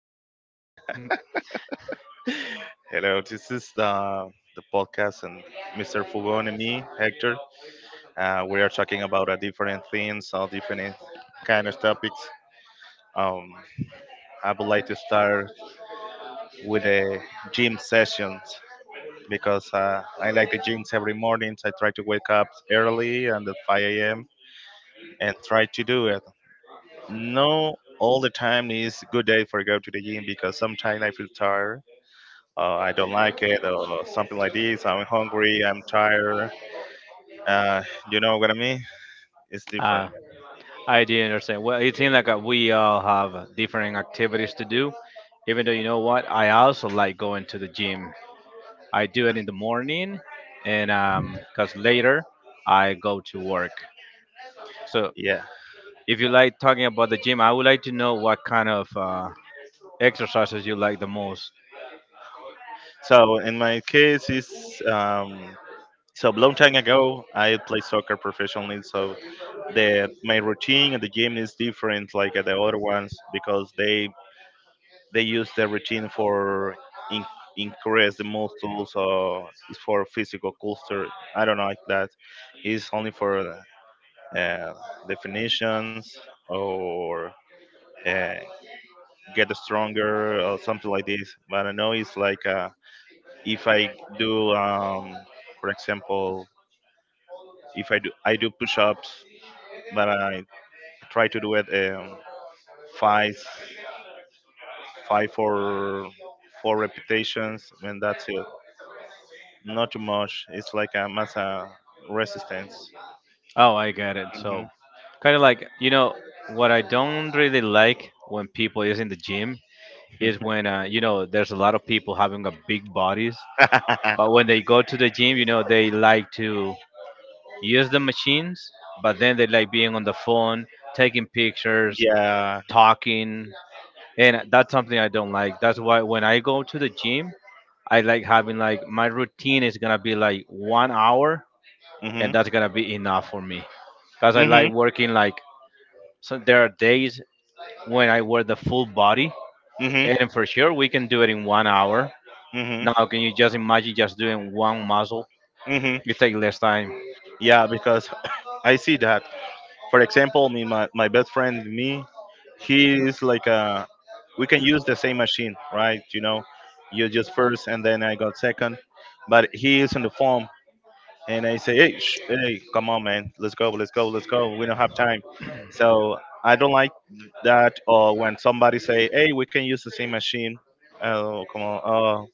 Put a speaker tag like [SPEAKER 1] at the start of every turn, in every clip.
[SPEAKER 1] no, no, no. Hello, this is the podcast, and Mr. Fugon and me, Hector. We are talking about different things, all different kind of topics. Um, I would like to start with the gym sessions because I like the gyms every morning. So I try to wake up early and at 5 a.m. and try to do it. No, all the time is good day for go to the gym because sometimes I feel tired I don't like it, or something like this. I'm hungry, I'm tired. Uh, you know what I mean? It's different.
[SPEAKER 2] Uh, I do understand. Well, it seems like we all have different activities to do. Even though you know what, I also like going to the gym. I do it in the morning, and cause later I go to work. So,
[SPEAKER 1] Yeah.
[SPEAKER 2] if you like talking about the gym, I would like to know what kind of exercises you like the most.
[SPEAKER 1] So in my case, it's so long time ago. I play soccer professionally, so the my routine at the gym is different like at the other ones because they use the routine for in, increase the muscles or it's for physical culture. I don't like that. It's only for uh, definitions or uh, get stronger or something like this. But I know it's like if I do, um, for example, if I do push-ups, but I try to do it five, five or four repetitions, and that's it. Not too much. It's like a mass resistance.
[SPEAKER 2] Oh, I get it.
[SPEAKER 1] hmm
[SPEAKER 2] So, kind of like you know what I don't really like when people is in the gym is when there's a lot of people having a big bodies, but when they go to the gym, they like to use the machines, but then they like being on the phone, taking pictures,
[SPEAKER 1] yeah.
[SPEAKER 2] talking, and that's something I don't like. That's why when I go to the gym, I like having like my routine is gonna be like 1 hour,
[SPEAKER 1] hmm
[SPEAKER 2] and that's gonna be enough for me, cause I
[SPEAKER 1] hmm
[SPEAKER 2] like working like so. There are days when I wear the full body,
[SPEAKER 1] hmm
[SPEAKER 2] and for sure we can do it in 1 hour.
[SPEAKER 1] hmm
[SPEAKER 2] Now, can you just imagine just doing one muscle?
[SPEAKER 1] hmm
[SPEAKER 2] You take less time
[SPEAKER 1] Yeah, because I see that. For example, me, my best friend, me, he is like we can use the same machine, right? You know, you just first and then I got second, but he is on the phone and I say, hey, hey, come on, man, let's go, let's go, let's go. We don't have time. So I don't like that. Or when somebody say, hey, we can use the same machine. Oh, come on. Oh,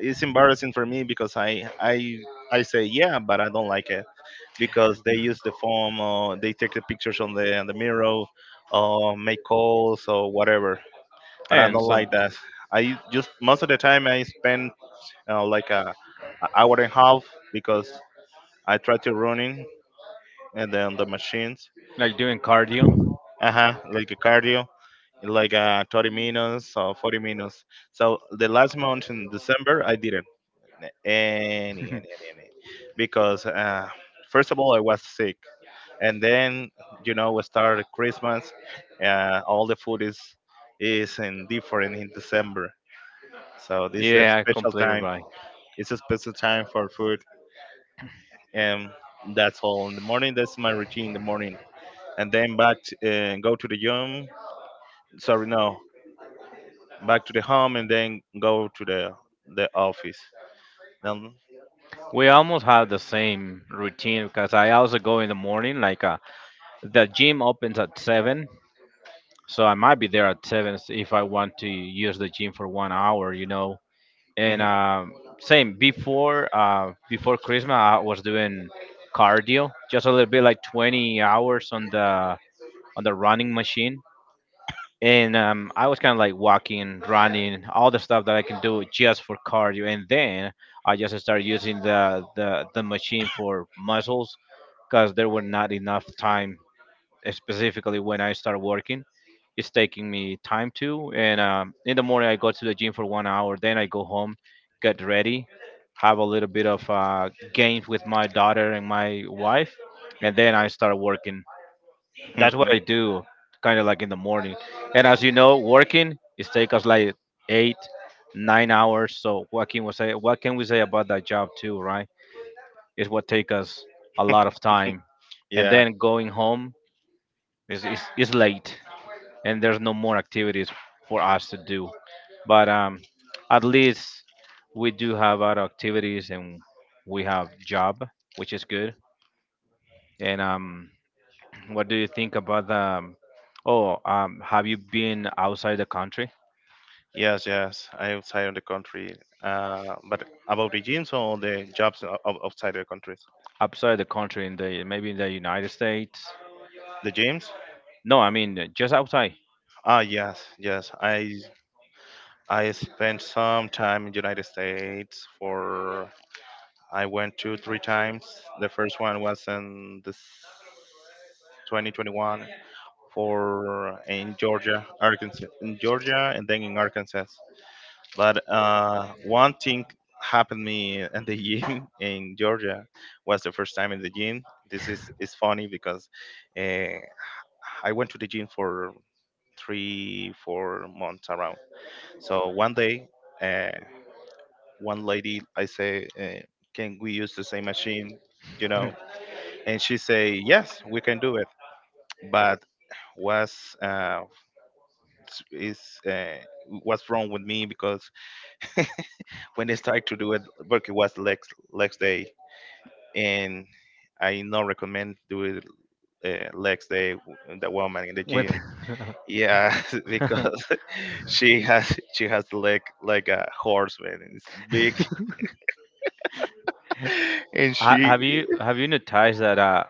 [SPEAKER 1] it's embarrassing for me because I say yeah, but I don't like it because they use the phone or they take the pictures on the mirror, or make calls or whatever. But I
[SPEAKER 2] and
[SPEAKER 1] don't
[SPEAKER 2] some
[SPEAKER 1] like that. I just most of the time I spend like a hour and a half because I try to running and then the machines.
[SPEAKER 2] like doing cardio.
[SPEAKER 1] Uh huh. Like a cardio like 30 minutes or 40 minutes. So the last month in December, I didn't. Any, any. Because first of all, I was sick, and then you know we started Christmas. All the food is in different in December, so this is a
[SPEAKER 2] Yeah,
[SPEAKER 1] special
[SPEAKER 2] completely
[SPEAKER 1] time.
[SPEAKER 2] right.
[SPEAKER 1] It's a special time for food, and that's all. In the morning, that's my routine. In the morning, and then back to, go to the gym. Sorry, no, back to the home, and then go to the office. Then,
[SPEAKER 2] We almost have the same routine because I also go in the morning. Like the gym opens at seven, so I might be there at seven if I want to use the gym for 1 hour. You know, and same before Christmas, I was doing cardio just a little bit, like 20 hours on the running machine, and I was kind of like walking, running, all the stuff that I can do just for cardio, and then I just started using the machine for muscles because there were not enough time, specifically when I started working. It's taking me time to, and in the morning I go to the gym for 1 hour, then I go home, get ready, have a little bit of games with my daughter and my wife, and then I start working. That's
[SPEAKER 1] Mhm.
[SPEAKER 2] what I do, kind of like in the morning. And as you know, working it take us like 8, 9 hours. So what can we say? What can we say about that job too, right? It's what take us a lot of time, and
[SPEAKER 1] Yeah,
[SPEAKER 2] then going home is late, and there's no more activities for us to do. But at least we do have other activities, and we have job, which is good. And What do you think about the? Oh, have you been outside the country?
[SPEAKER 1] yes, yes. I outside of the country. But about the gyms or the jobs outside the countries?
[SPEAKER 2] Outside the country, in the maybe in the United States?
[SPEAKER 1] The gyms?
[SPEAKER 2] No, I mean just outside.
[SPEAKER 1] Ah, yes, yes. I spent some time in United States for I went two, three times. The first one was in this 2021 for in Georgia, Arkansas, in Georgia, and then in Arkansas. But one thing happened me at the gym in Georgia was the first time in the gym. This is funny because uh, I went to the gym for three, 4 months around. So one day, uh, one lady, I say, "Can we use the same machine?" You know, and she say, "Yes, we can do it." But was s- is uh, what's wrong with me because when they started to do work it was legs day and I not recommend doing legs day the woman in the
[SPEAKER 2] With
[SPEAKER 1] gym. Yeah,
[SPEAKER 2] Ha-
[SPEAKER 1] because she has leg like a horse, man. It's big, and she
[SPEAKER 2] have you noticed that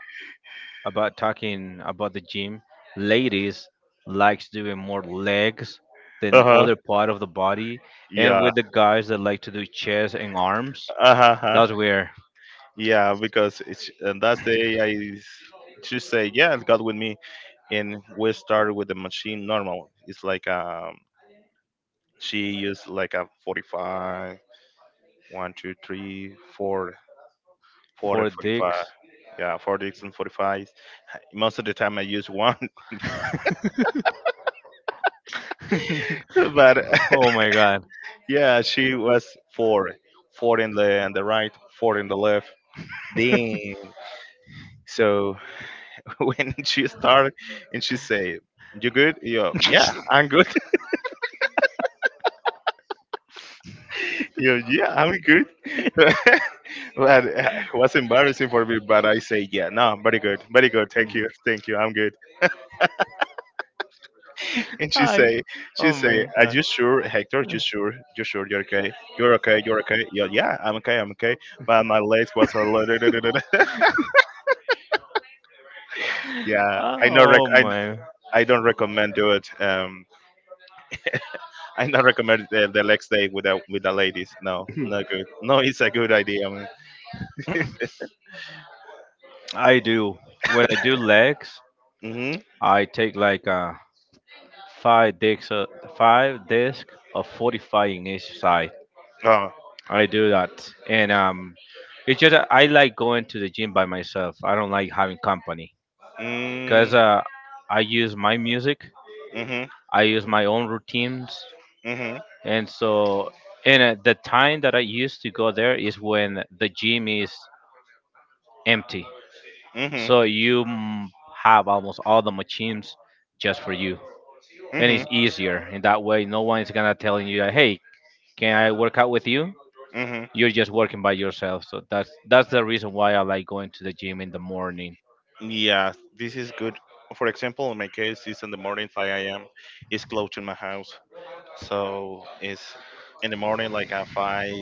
[SPEAKER 2] about talking about the gym, ladies likes doing more legs than
[SPEAKER 1] uh huh
[SPEAKER 2] other part of the body, and
[SPEAKER 1] yeah
[SPEAKER 2] with the guys that like to do chest and arms.
[SPEAKER 1] uh huh
[SPEAKER 2] That's where
[SPEAKER 1] yeah because it's and that day I she say yeah God with me and we started with the machine normal. It's like she used like a 45, 1 2 3 4 4 and
[SPEAKER 2] for
[SPEAKER 1] 45.
[SPEAKER 2] dicks.
[SPEAKER 1] Yeah, 40s and 45s. Most of the time I use one, but
[SPEAKER 2] Oh my god.
[SPEAKER 1] yeah, she was four, four in the right, four in the left. Damn. So when she started and she said, "You good?" Yo, yeah, I'm good. Yo, yeah, I'm good. But it was embarrassing for me, but I say, "Yeah, no, very good, very good. Thank you, thank you. I'm good." And she say, are you sure, Hector? You sure? You sure? You're okay? You're okay? You're okay? Yeah, yeah, I'm okay. I'm okay. My legs was a little. Yeah,
[SPEAKER 2] Oh my.
[SPEAKER 1] I don't recommend do it. I not recommend the next day with the ladies. No, not good. No, it's a good idea. Man.
[SPEAKER 2] I do. When I do legs,
[SPEAKER 1] Mhm.
[SPEAKER 2] I take like five discs, uh, five disc of 45 in each side.
[SPEAKER 1] Oh.
[SPEAKER 2] I do that, and it's just that I like going to the gym by myself. I don't like having company because
[SPEAKER 1] Mm.
[SPEAKER 2] I use my music,
[SPEAKER 1] Mhm.
[SPEAKER 2] I use my own routines,
[SPEAKER 1] Mhm.
[SPEAKER 2] and so and the time that I used to go there is when the gym is empty.
[SPEAKER 1] Mhm.
[SPEAKER 2] So you have almost all the machines just for you, and it's easier in that way. No one is gonna telling you that, hey, can I work out with you?
[SPEAKER 1] Mhm.
[SPEAKER 2] You're just working by yourself. So that's the reason why I like going to the gym in the morning.
[SPEAKER 1] Yeah, this is good. For example, in my case, it's in the morning, 5 a.m. It's close to my house, so it's in the morning, like at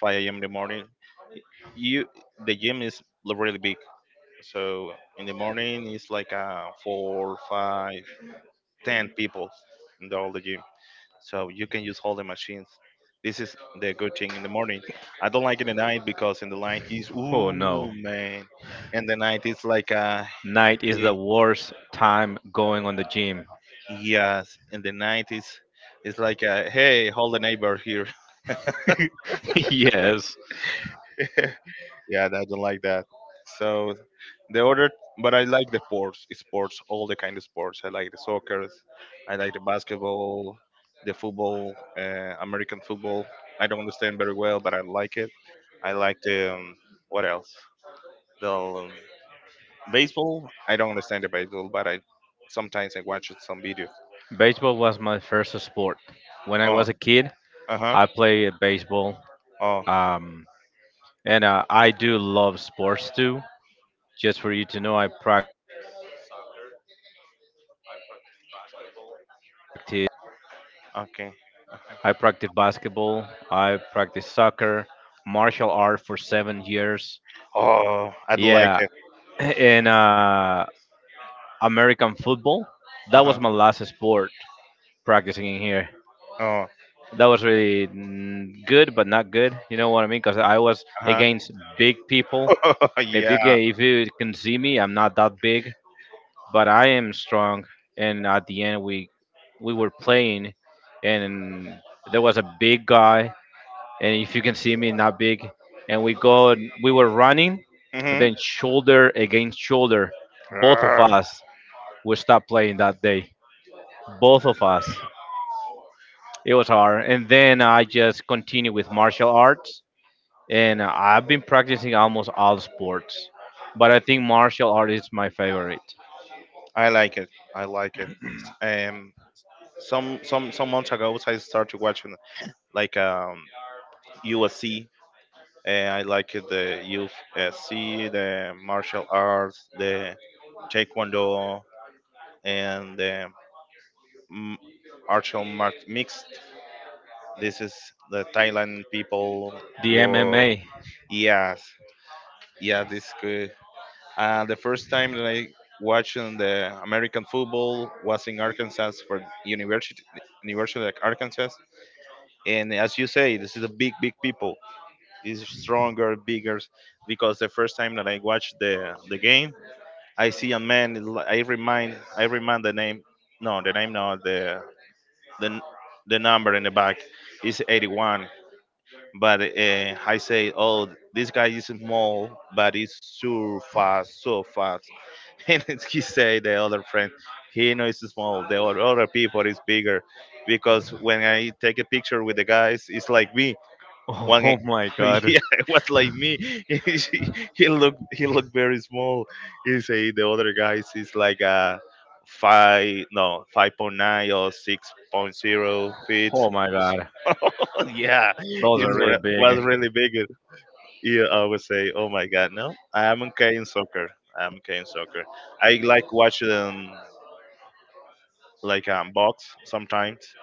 [SPEAKER 1] 5 a.m. in the morning. You the gym is really big, so in the morning it's like four, five, ten people in the whole gym. So you can use all the machines. This is the good thing in the morning. I don't like in the night because in the night is
[SPEAKER 2] Oh no,
[SPEAKER 1] ooh man, in the night it's like
[SPEAKER 2] night is
[SPEAKER 1] eh,
[SPEAKER 2] the worst time going on the gym.
[SPEAKER 1] yes in the 90s it's like hey hold the neighbor here
[SPEAKER 2] Yes,
[SPEAKER 1] yeah, I don't like that. So the other but I like the sports all the kind of sports. I like the soccer, I like the basketball, the football, American football. I don't understand very well but I like it. I like the what else, the baseball. I don't understand the baseball but I sometimes I watch some videos.
[SPEAKER 2] baseball was my first sport. When I
[SPEAKER 1] Oh.
[SPEAKER 2] was a kid,
[SPEAKER 1] Uh-huh.
[SPEAKER 2] I played baseball,
[SPEAKER 1] Oh.
[SPEAKER 2] um, and I do love sports too. Just for you to know, I practice soccer, I practice basketball,
[SPEAKER 1] Okay.
[SPEAKER 2] I practice basketball, I practice soccer, martial art for 7 years.
[SPEAKER 1] Oh, I don't like
[SPEAKER 2] Yeah,
[SPEAKER 1] it.
[SPEAKER 2] and American football.
[SPEAKER 1] Uh
[SPEAKER 2] That was
[SPEAKER 1] huh.
[SPEAKER 2] my last sport practicing in here.
[SPEAKER 1] Oh.
[SPEAKER 2] That was really good, but not good. You know what I mean? Because I was
[SPEAKER 1] Uh huh.
[SPEAKER 2] against big people. If you
[SPEAKER 1] Yeah.
[SPEAKER 2] can, if you can see me, I'm not that big, but I am strong. And at the end, we were playing, and there was a big guy, and if you can see me, not big, and we go and we were running, and
[SPEAKER 1] hmm
[SPEAKER 2] then shoulder against shoulder, both of
[SPEAKER 1] Grr.
[SPEAKER 2] us we stopped playing that day, both of us. It was hard, and then I just continued with martial arts, and I've been practicing almost all sports, but I think martial art is my favorite.
[SPEAKER 1] I like it. I like it. Um, some months ago, I started watching like USC. And I like it, the UFC, the martial arts, the taekwondo, and the m- martial art mixed. This is the Thailand people.
[SPEAKER 2] The
[SPEAKER 1] Whoa.
[SPEAKER 2] MMA.
[SPEAKER 1] Yes. Yeah. This good. The first time that I watched on the American football was in Arkansas for University of Arkansas. And as you say, this is a big, big people. It's stronger, bigger. Because the first time that I watched the game, I see a man. I remind the name. No, the name, no, the n- the number in the back is 81. But I say, oh, this guy is small, but he's so fast, so fast, and he say the other friend he knows is small the other people is bigger because when I take a picture with the guys it's like me one guy-
[SPEAKER 2] Oh my god.
[SPEAKER 1] yeah it was like me he he look very small. He say the other guys is like a five no 5.9 or six point zero feet.
[SPEAKER 2] Oh my god,
[SPEAKER 1] Yeah,
[SPEAKER 2] those are really
[SPEAKER 1] it
[SPEAKER 2] big.
[SPEAKER 1] was really big. You always say, "Oh my God, no! I am okay in soccer. I am okay in soccer. I like watching like box sometimes,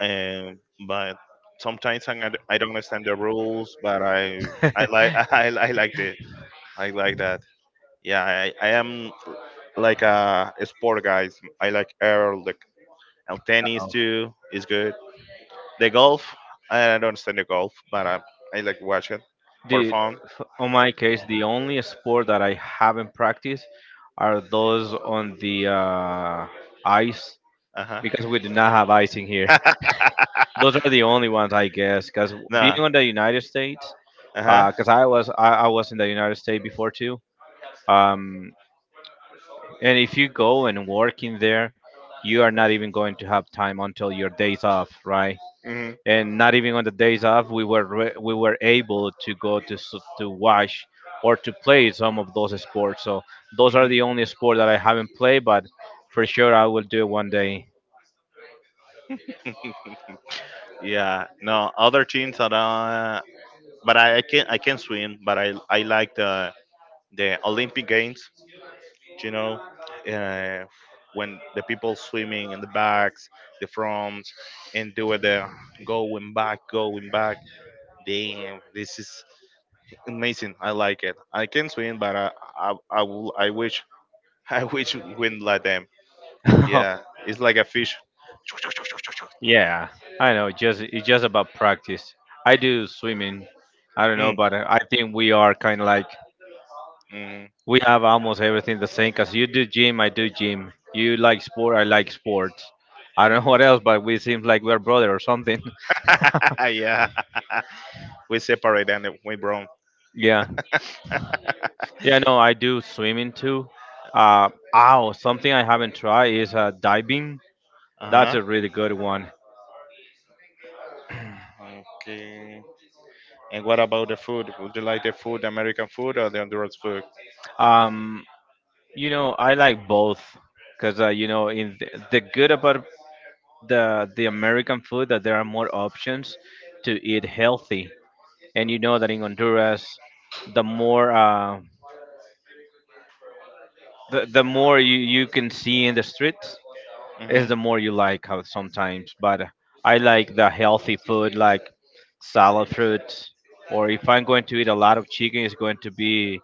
[SPEAKER 1] and but sometimes I don't understand the rules. But I like I like it. I like that. Yeah, I am like a sport guys. I like air like and tennis
[SPEAKER 2] Um,
[SPEAKER 1] too is good. The golf I don't understand the golf, but I like watch it for
[SPEAKER 2] the
[SPEAKER 1] fun.
[SPEAKER 2] on my case, the only sport that I haven't practiced are those on the ice
[SPEAKER 1] Uh
[SPEAKER 2] because we do not have ice in here.
[SPEAKER 1] huh.
[SPEAKER 2] Those are the only ones I guess. Because being
[SPEAKER 1] Nah.
[SPEAKER 2] on the United States,
[SPEAKER 1] Uh huh.
[SPEAKER 2] because I was in the United States before too. Um, and if you go and work in there, you are not even going to have time until your days off, right?
[SPEAKER 1] hmm
[SPEAKER 2] And not even on the days off, we were able to
[SPEAKER 1] hmm
[SPEAKER 2] watch or to play some of those sports. So those are the only sport that I haven't played, but for sure I will do it one day.
[SPEAKER 1] yeah. No, other teams are. But I can swim. But I like the Olympic Games. You know, uh, when the people swimming in the backs, the fronts, and do the going back, going back. Damn, this is amazing. I like it. I can swim, but I will. I wish I wish wind like them. Yeah, it's like a fish.
[SPEAKER 2] Yeah, I know. Just it's just about practice. I do swimming. I don't know,
[SPEAKER 1] Mm,
[SPEAKER 2] but I think we are kind of like
[SPEAKER 1] mm. mm.
[SPEAKER 2] we have almost everything the same. Cause you do gym, I do gym. You like sport, I like sports. I don't know what else, but we seem like we're brother or something.
[SPEAKER 1] yeah, we separate and we brown.
[SPEAKER 2] Yeah, yeah. No, I do swimming too. Uh, ow, something I haven't tried is diving. That's
[SPEAKER 1] Uh
[SPEAKER 2] a really good one.
[SPEAKER 1] huh. Okay. And what about the food? Would you like the food, American food or the Honduras food?
[SPEAKER 2] Um, I like both because in the good about the American food that there are more options to eat healthy. And you know that in Honduras, the more the more you can see in the streets
[SPEAKER 1] hmm
[SPEAKER 2] is the more you like how sometimes. But I like the healthy food like salad fruits or if I'm going to eat a lot of chicken it's going to be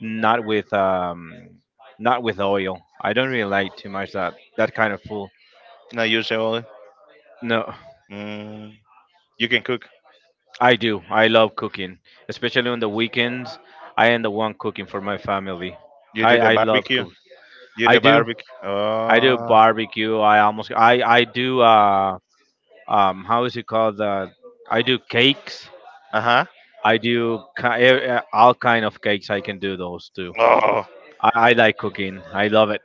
[SPEAKER 2] not with oil. I don't really like too much that kind of food.
[SPEAKER 1] Not usually.
[SPEAKER 2] No.
[SPEAKER 1] Mm. You can cook.
[SPEAKER 2] I do. I love cooking, especially on the weekends. I am the one cooking for my family.
[SPEAKER 1] You
[SPEAKER 2] I
[SPEAKER 1] do the
[SPEAKER 2] I love
[SPEAKER 1] barbecue.
[SPEAKER 2] cook.
[SPEAKER 1] You
[SPEAKER 2] I
[SPEAKER 1] the
[SPEAKER 2] do.
[SPEAKER 1] barbecue.
[SPEAKER 2] I do
[SPEAKER 1] Oh.
[SPEAKER 2] barbecue. I almost. I do. How is it called? I do cakes.
[SPEAKER 1] Uh huh.
[SPEAKER 2] I do all kind of cakes. I can do those too.
[SPEAKER 1] Oh.
[SPEAKER 2] I like cooking. I love it.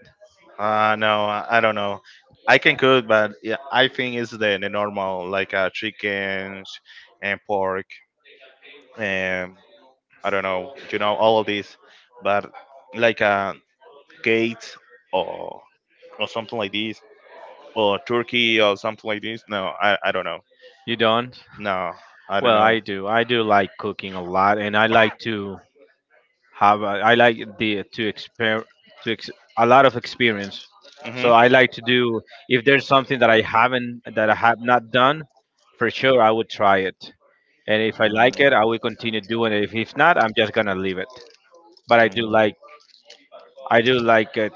[SPEAKER 1] No, I don't know. I can cook, but yeah, I think it's the normal, like chickens and pork. Um, I don't know, you know, all of this, but like Gates or or something like this, or Turkey or something like this. No, I don't know.
[SPEAKER 2] You don't?
[SPEAKER 1] No, I don't
[SPEAKER 2] Well,
[SPEAKER 1] know.
[SPEAKER 2] I do. I do like cooking a lot, and I like to. Have a, I like the to exper to ex, a lot of experience.
[SPEAKER 1] hmm
[SPEAKER 2] So I like to do if there's something that I have not done, for sure I would try it. And if I like it, I will continue doing it. If not, I'm just gonna leave it. But
[SPEAKER 1] Mm.
[SPEAKER 2] I do like it,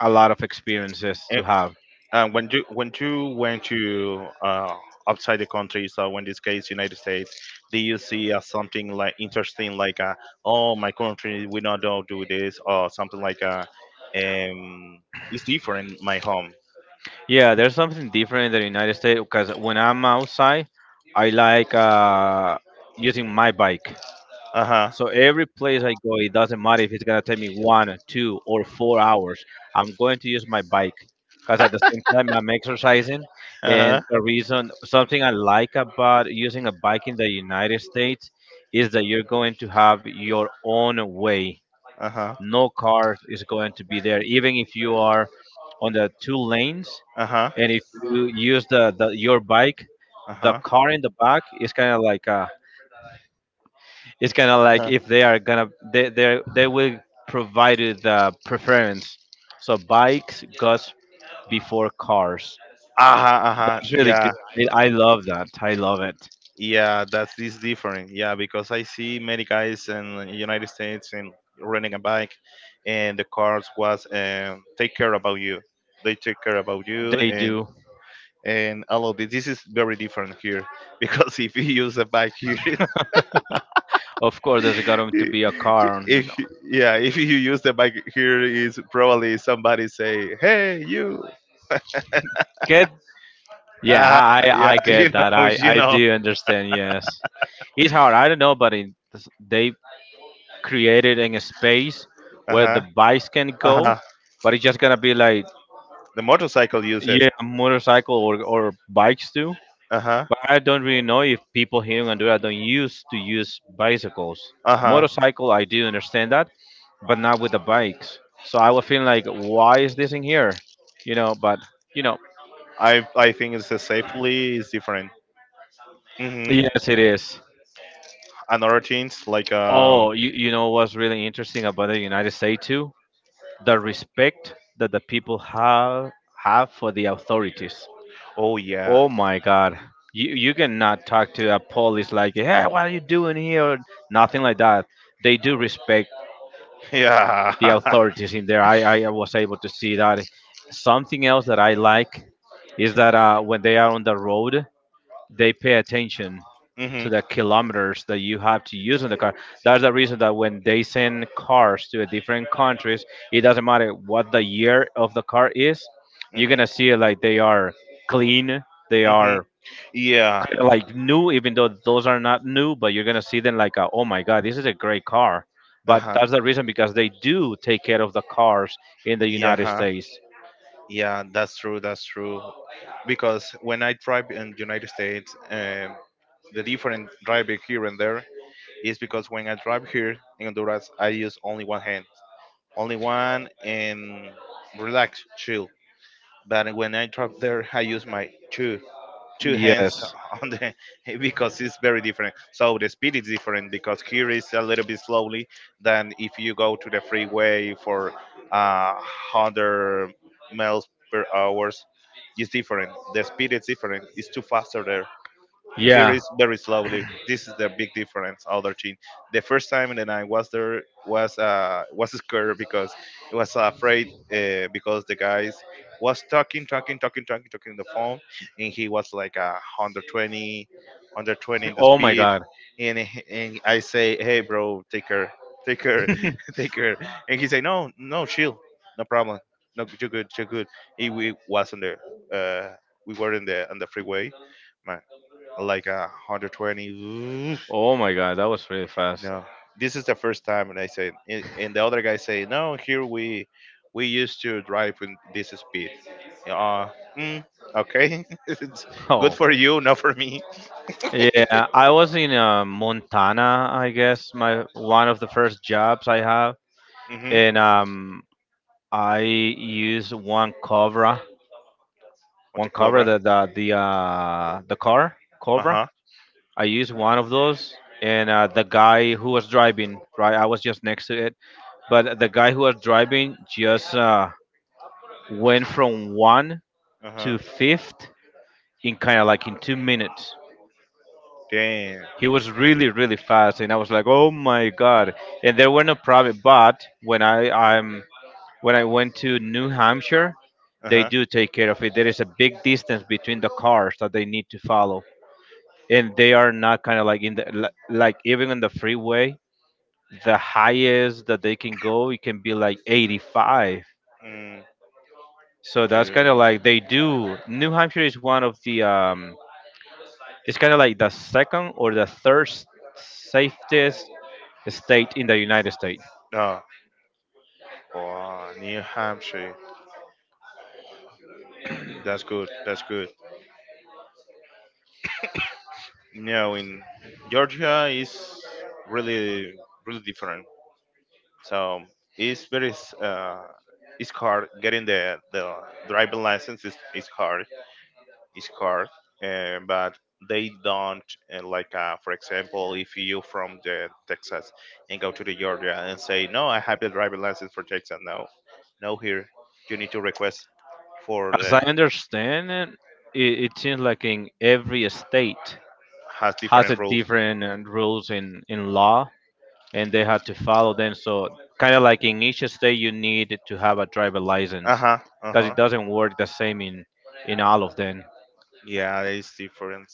[SPEAKER 2] a lot of experiences
[SPEAKER 1] Mm.
[SPEAKER 2] to have.
[SPEAKER 1] And when you went to outside the country, so in this case United States, do you see something like interesting, like oh, my country we not don't do this, or something like um, it's different my home.
[SPEAKER 2] Yeah, there's something different in the United States because when I'm outside, I like using my bike.
[SPEAKER 1] Uh huh.
[SPEAKER 2] So every place I go, it doesn't matter if it's gonna take me 1, 2, or 4 hours. I'm going to use my bike because at the same time I'm exercising.
[SPEAKER 1] Uh
[SPEAKER 2] And
[SPEAKER 1] huh.
[SPEAKER 2] the reason, something I like about using a bike in the United States is that you're going to have your own way.
[SPEAKER 1] Uh huh.
[SPEAKER 2] No car is going to be there, even if you are on the two lanes.
[SPEAKER 1] Uh huh.
[SPEAKER 2] And if you use the your bike,
[SPEAKER 1] Uh
[SPEAKER 2] the
[SPEAKER 1] huh.
[SPEAKER 2] car in the back is kind of like it's kind of like
[SPEAKER 1] Uh
[SPEAKER 2] if they are gonna they will provide you
[SPEAKER 1] huh.
[SPEAKER 2] the preference so bikes goes before cars.
[SPEAKER 1] Uh-huh, uh-huh.
[SPEAKER 2] It's really
[SPEAKER 1] Yeah.
[SPEAKER 2] good. I love that. I love it.
[SPEAKER 1] Yeah, that is different. Yeah, because I see many guys in the United States and renting a bike, and the cars was take care about you. They take care about you
[SPEAKER 2] They
[SPEAKER 1] and
[SPEAKER 2] do.
[SPEAKER 1] and all of this. This is very different here because if you use a bike here,
[SPEAKER 2] Of course there's going to be a car on the
[SPEAKER 1] if yeah, if you use the bike here, is probably somebody say, "Hey, you."
[SPEAKER 2] get yeah
[SPEAKER 1] Uh, yeah.
[SPEAKER 2] I get that. i i do understand, yes. It's hard. I don't know, but they created in a space
[SPEAKER 1] Uh
[SPEAKER 2] where the
[SPEAKER 1] huh.
[SPEAKER 2] bikes can
[SPEAKER 1] Uh
[SPEAKER 2] go,
[SPEAKER 1] huh.
[SPEAKER 2] but it's just gonna be like,
[SPEAKER 1] The motorcycle use it.
[SPEAKER 2] yeah, motorcycle or bikes too.
[SPEAKER 1] Uh huh.
[SPEAKER 2] But I don't really know if people here in Honduras don't used to use bicycles.
[SPEAKER 1] Uh huh.
[SPEAKER 2] Motorcycle, I do understand that, but not with the bikes. So I was feeling like, why is this in here? But you know,
[SPEAKER 1] I think it's a safely is different. Mm-hmm.
[SPEAKER 2] yes, it is.
[SPEAKER 1] And other things like.
[SPEAKER 2] Oh, you know what's really interesting about the United States too? The respect that the people have for the authorities.
[SPEAKER 1] Oh, yeah.
[SPEAKER 2] Oh my God. You cannot talk to a police like, hey, what are you doing here? Nothing like that. They do respect
[SPEAKER 1] Yeah.
[SPEAKER 2] the authorities in there. I was able to see that. Something else that I like is that when they are on the road, they pay attention
[SPEAKER 1] Mm-hmm.
[SPEAKER 2] to the kilometers that you have to use in the car. That's the reason that when they send cars to different countries, it doesn't matter what the year of the car is, you're
[SPEAKER 1] Mm-hmm.
[SPEAKER 2] gonna see like they are clean, they
[SPEAKER 1] Mm-hmm.
[SPEAKER 2] are
[SPEAKER 1] Yeah.
[SPEAKER 2] like new, even though those are not new, but you're gonna see them like, oh my god, this is a great car.
[SPEAKER 1] Uh
[SPEAKER 2] But
[SPEAKER 1] huh.
[SPEAKER 2] that's the reason because they do take care of the cars in the
[SPEAKER 1] Yeah
[SPEAKER 2] United
[SPEAKER 1] huh.
[SPEAKER 2] States.
[SPEAKER 1] Yeah, that's true. That's true. Because when I drive in United States, the different driving here and there is because when I drive here in Honduras, I use only one hand, only one, and relax, chill. But when I drive there, I use my two hands
[SPEAKER 2] Yes.
[SPEAKER 1] on the because it's very different. So the speed is different because here is a little bit slowly than if you go to the freeway for uh, 100 miles per hours. It's different. The speed is different. It's too faster there and
[SPEAKER 2] Yeah.
[SPEAKER 1] carries very slowly. This is the big difference. Other team, the first time that I was there was scared because I was afraid because the guys was talking, talking, talking, talking, talking on the phone, and he was like 120, 120 in the
[SPEAKER 2] Oh my
[SPEAKER 1] speed,
[SPEAKER 2] god.
[SPEAKER 1] and I say, hey bro, take care, take care, and he say, no, no, chill, no problem, no, you're good, you're good. And uh we were in the on the freeway, like a 120.
[SPEAKER 2] Oh my god, that was really fast.
[SPEAKER 1] No, this is the first time. And I said, and the other guy say, no, here we used to drive with this speed. Yeah, mm, okay. It's good
[SPEAKER 2] Oh.
[SPEAKER 1] for you, not for me.
[SPEAKER 2] Yeah, I was in Montana, I guess, my one of the first jobs I have,
[SPEAKER 1] Mm-hmm.
[SPEAKER 2] and I used
[SPEAKER 1] What
[SPEAKER 2] one
[SPEAKER 1] the
[SPEAKER 2] Cobra,
[SPEAKER 1] cobra?
[SPEAKER 2] the the car Cobra,
[SPEAKER 1] Uh-huh.
[SPEAKER 2] I used one of those, and the guy who was driving, right, I was just next to it, but the guy who was driving just went from one
[SPEAKER 1] Uh-huh.
[SPEAKER 2] to fifth in kind of like in 2 minutes.
[SPEAKER 1] Damn.
[SPEAKER 2] He was really, really fast, and I was like, "Oh my god!" And there were no problem. But when I went to New Hampshire,
[SPEAKER 1] Uh
[SPEAKER 2] they
[SPEAKER 1] huh.
[SPEAKER 2] do take care of it. There is a big distance between the cars that they need to follow, and they are not kind of like in the like even on the freeway the highest that they can go it can be like 85,
[SPEAKER 1] Mm,
[SPEAKER 2] so that's kind
[SPEAKER 1] dude.
[SPEAKER 2] of like they do. New Hampshire is one of the it's kind of like the second or the third safest state in the United States,
[SPEAKER 1] Oh, wow, New Hampshire. That's good. That's good. No, in Georgia is really, really different. So it's very it's hard getting the driving license is hard. It's hard, but they don't, like for example if you from the Texas and go to the Georgia and say, no, I have the driving license for Texas. No, no, here you need to request for
[SPEAKER 2] as I
[SPEAKER 1] the.
[SPEAKER 2] understand it. It seems like in every state
[SPEAKER 1] Has
[SPEAKER 2] has
[SPEAKER 1] different
[SPEAKER 2] a
[SPEAKER 1] rules.
[SPEAKER 2] different rules in law, and they had to follow them, so kind of like in each state you need to have a driver license
[SPEAKER 1] Uh huh. Uh
[SPEAKER 2] because
[SPEAKER 1] huh.
[SPEAKER 2] it doesn't work the same in all of them.
[SPEAKER 1] Yeah, it's different.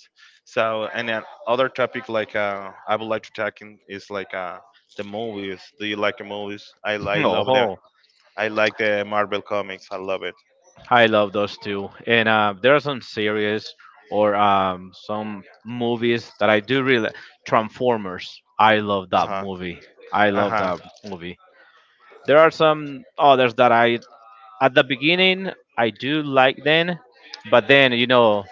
[SPEAKER 1] So, and then other topic like I would like to talk in is like the movies. Do you like the movies? I love them.
[SPEAKER 2] Oh,
[SPEAKER 1] I like the Marvel comics. I love it.
[SPEAKER 2] I love those two. And there are some series or some movies that I do really. Transformers. I love
[SPEAKER 1] Uh
[SPEAKER 2] that
[SPEAKER 1] huh.
[SPEAKER 2] movie. I
[SPEAKER 1] Uh
[SPEAKER 2] love
[SPEAKER 1] huh.
[SPEAKER 2] that movie. There are some others that I at the beginning I do like then, but then you know,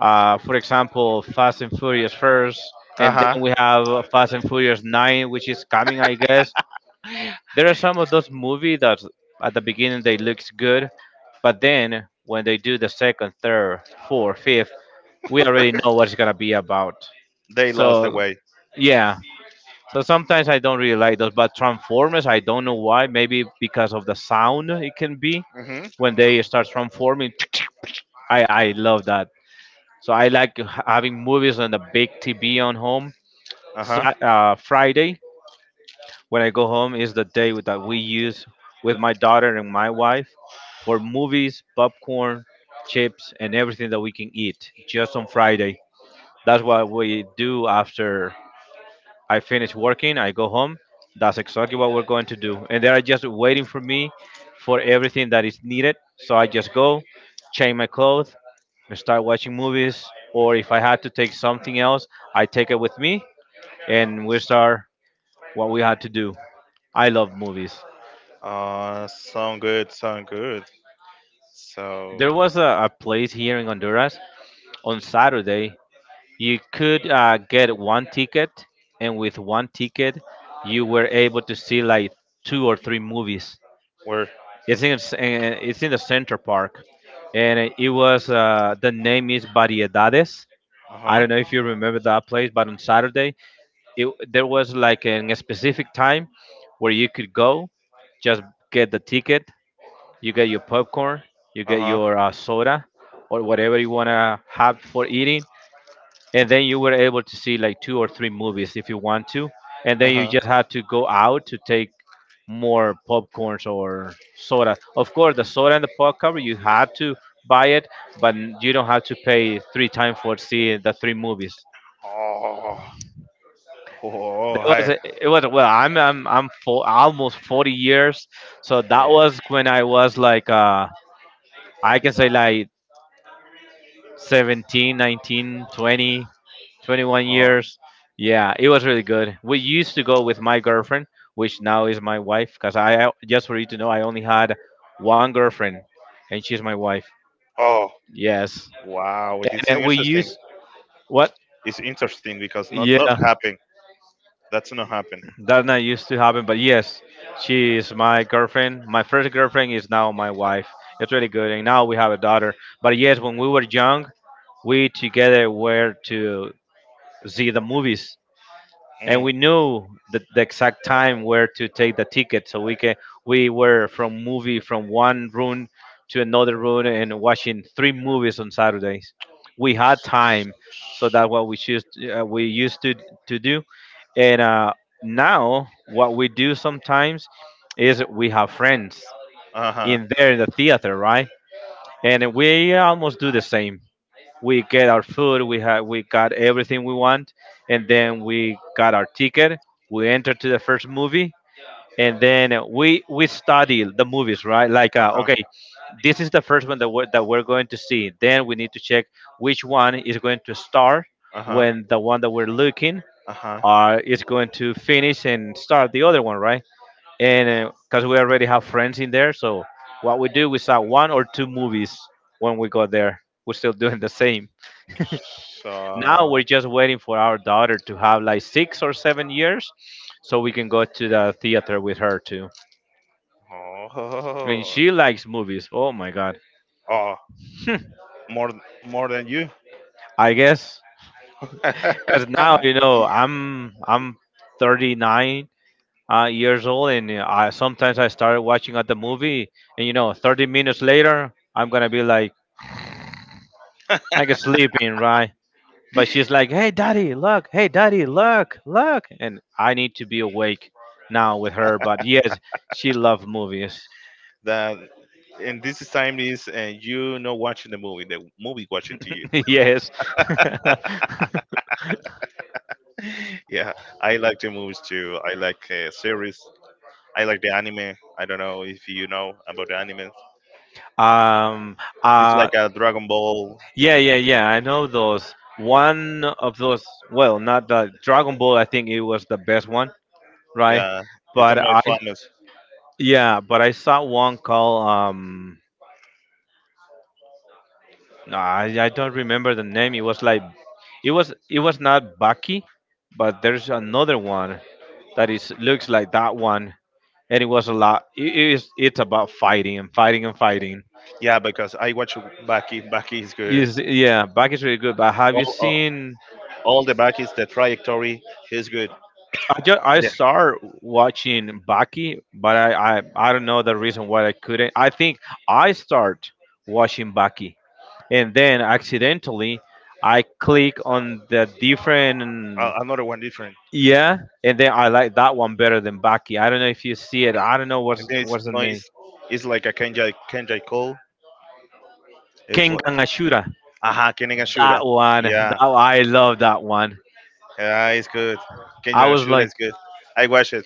[SPEAKER 2] uh, for example, Fast and Furious first,
[SPEAKER 1] Uh
[SPEAKER 2] and
[SPEAKER 1] huh.
[SPEAKER 2] then we have Fast and Furious Nine, which is coming, I guess. There are some of those movies that at the beginning they looks good, but then when they do the second, third, fourth, fifth, we already know what it's gonna be about.
[SPEAKER 1] They lost the
[SPEAKER 2] So
[SPEAKER 1] way.
[SPEAKER 2] yeah. So sometimes I don't really like those, but Transformers I don't know why. Maybe because of the sound it can be
[SPEAKER 1] Mhm.
[SPEAKER 2] when they start transforming. I love that. So I like having movies on the big TV on home.
[SPEAKER 1] Uh huh.
[SPEAKER 2] Friday when I go home is the day that we use with my daughter and my wife for movies, popcorn, chips, and everything that we can eat just on Friday. That's what we do after I finish working. I go home. That's exactly what we're going to do. And they are just waiting for me for everything that is needed. So I just go, change my clothes, and start watching movies. Or if I had to take something else, I take it with me and we start what we had to do. I love movies.
[SPEAKER 1] Sound good. Sound good. So.
[SPEAKER 2] There was a place here in Honduras on Saturday. You could get one ticket, and with one ticket, you were able to see like two or three movies.
[SPEAKER 1] Where?
[SPEAKER 2] It's in it's in the Center Park, and it was the name is Variedades.
[SPEAKER 1] Uh
[SPEAKER 2] I
[SPEAKER 1] huh.
[SPEAKER 2] don't know if you remember that place, but on Saturday, there was like a specific time where you could go, just get the ticket, you get your popcorn, you
[SPEAKER 1] Uh
[SPEAKER 2] get
[SPEAKER 1] huh.
[SPEAKER 2] your soda, or whatever you wanna have for eating, and then you were able to see like two or three movies if you want to, and
[SPEAKER 1] Uh
[SPEAKER 2] then you
[SPEAKER 1] huh.
[SPEAKER 2] just had to go out to take more popcorns or soda. Of course, the soda and the popcorn you had to buy it, but you don't have to pay three times for seeing the three movies.
[SPEAKER 1] Oh, oh,
[SPEAKER 2] That
[SPEAKER 1] hi.
[SPEAKER 2] it was well. I'm for almost 40 years, so that was when I
[SPEAKER 1] Oh.
[SPEAKER 2] was like I can say like 17 19, 20, twenty-one
[SPEAKER 1] Oh,
[SPEAKER 2] years. Yeah, it was really good. We used to go with my girlfriend, which now is my wife, because just for you to know, I only had one girlfriend, and she's my wife.
[SPEAKER 1] oh,
[SPEAKER 2] Yes,
[SPEAKER 1] wow!
[SPEAKER 2] and
[SPEAKER 1] This is
[SPEAKER 2] then we
[SPEAKER 1] interesting.
[SPEAKER 2] used what?
[SPEAKER 1] It's interesting because not not
[SPEAKER 2] Yeah,
[SPEAKER 1] happen. That's not happen.
[SPEAKER 2] that not used to happen, but yes, she is my girlfriend. My first girlfriend is now my wife. It's really good, and now we have a daughter. But yes, when we were young, we together were to see the movies,
[SPEAKER 1] Mm.
[SPEAKER 2] and we knew the exact time where to take the ticket so we can we were from movie from one room to another room, and watching three movies on Saturdays we had time. So that's what we used to do. And now what we do sometimes is we have friends
[SPEAKER 1] Uh huh.
[SPEAKER 2] in there in the theater, right, and we almost do the same. We get our food we have. We got everything we want, and then we got our ticket, we enter to the first movie, and then we study the movies, right, like
[SPEAKER 1] Uh huh.
[SPEAKER 2] okay, this is the first one that that we're going to see, then we need to check which one is going to start
[SPEAKER 1] Uh huh.
[SPEAKER 2] when the one that we're looking
[SPEAKER 1] Uh huh.
[SPEAKER 2] is going to finish and start the other one, right. And because we already have friends in there, so what we do, we saw one or two movies when we got there, we're still doing the same. Now we're
[SPEAKER 1] So.
[SPEAKER 2] just waiting for our daughter to have like 6 or 7 years so we can go to the theater with her too.
[SPEAKER 1] Oh.
[SPEAKER 2] And she likes movies. Oh my god.
[SPEAKER 1] Oh. More more than you.
[SPEAKER 2] I guess because now
[SPEAKER 1] Ah.
[SPEAKER 2] you know I'm 39 years old, and I sometimes I start watching at the movie, and you know 30 minutes later I'm gonna be like I get sleeping, right? But she's like, "Hey, daddy, look! Hey, daddy, look, look!" And I need to be awake now with her. But yes, she loved movies.
[SPEAKER 1] That. And this time is, and you not watching the movie. The movie watching to you.
[SPEAKER 2] Yes.
[SPEAKER 1] Yeah, I like the movies too. I like series. I like the anime. I don't know if you know about the anime.
[SPEAKER 2] Um.
[SPEAKER 1] It's
[SPEAKER 2] Uh.
[SPEAKER 1] like a Dragon Ball.
[SPEAKER 2] Yeah. Yeah. Yeah. I know those. One of those. Well, not the Dragon Ball. I think it was the best one, right?
[SPEAKER 1] Yeah, it's the
[SPEAKER 2] But I.
[SPEAKER 1] most famous.
[SPEAKER 2] Yeah. But I saw one called. I don't remember the name. It was like. It was. It was not Baki, but there's another one that is looks like that one, and it was a lot. It's about fighting and fighting and fighting.
[SPEAKER 1] Yeah, because I watch Baki. Baki is good.
[SPEAKER 2] Yes, yeah, Baki's really good. But have you
[SPEAKER 1] All, all,
[SPEAKER 2] seen?
[SPEAKER 1] all the Bakis, the trajectory is good.
[SPEAKER 2] I
[SPEAKER 1] The,
[SPEAKER 2] started watching Baki, but I don't know the reason why I couldn't. I think I start watching Baki, and then accidentally I click on the different.
[SPEAKER 1] Another one different.
[SPEAKER 2] Yeah, and then I like that one better than Baki. I don't know if you see it. I don't know what's
[SPEAKER 1] And then it's
[SPEAKER 2] what's the name.
[SPEAKER 1] noise. It's like a Kenji Cole. It's like
[SPEAKER 2] Kengan Ashura.
[SPEAKER 1] aha, Kenji Ashura. Yeah,
[SPEAKER 2] That one, I love that one.
[SPEAKER 1] yeah, it's good. Kenji
[SPEAKER 2] I was
[SPEAKER 1] Ashura
[SPEAKER 2] like,
[SPEAKER 1] is good. I watched it.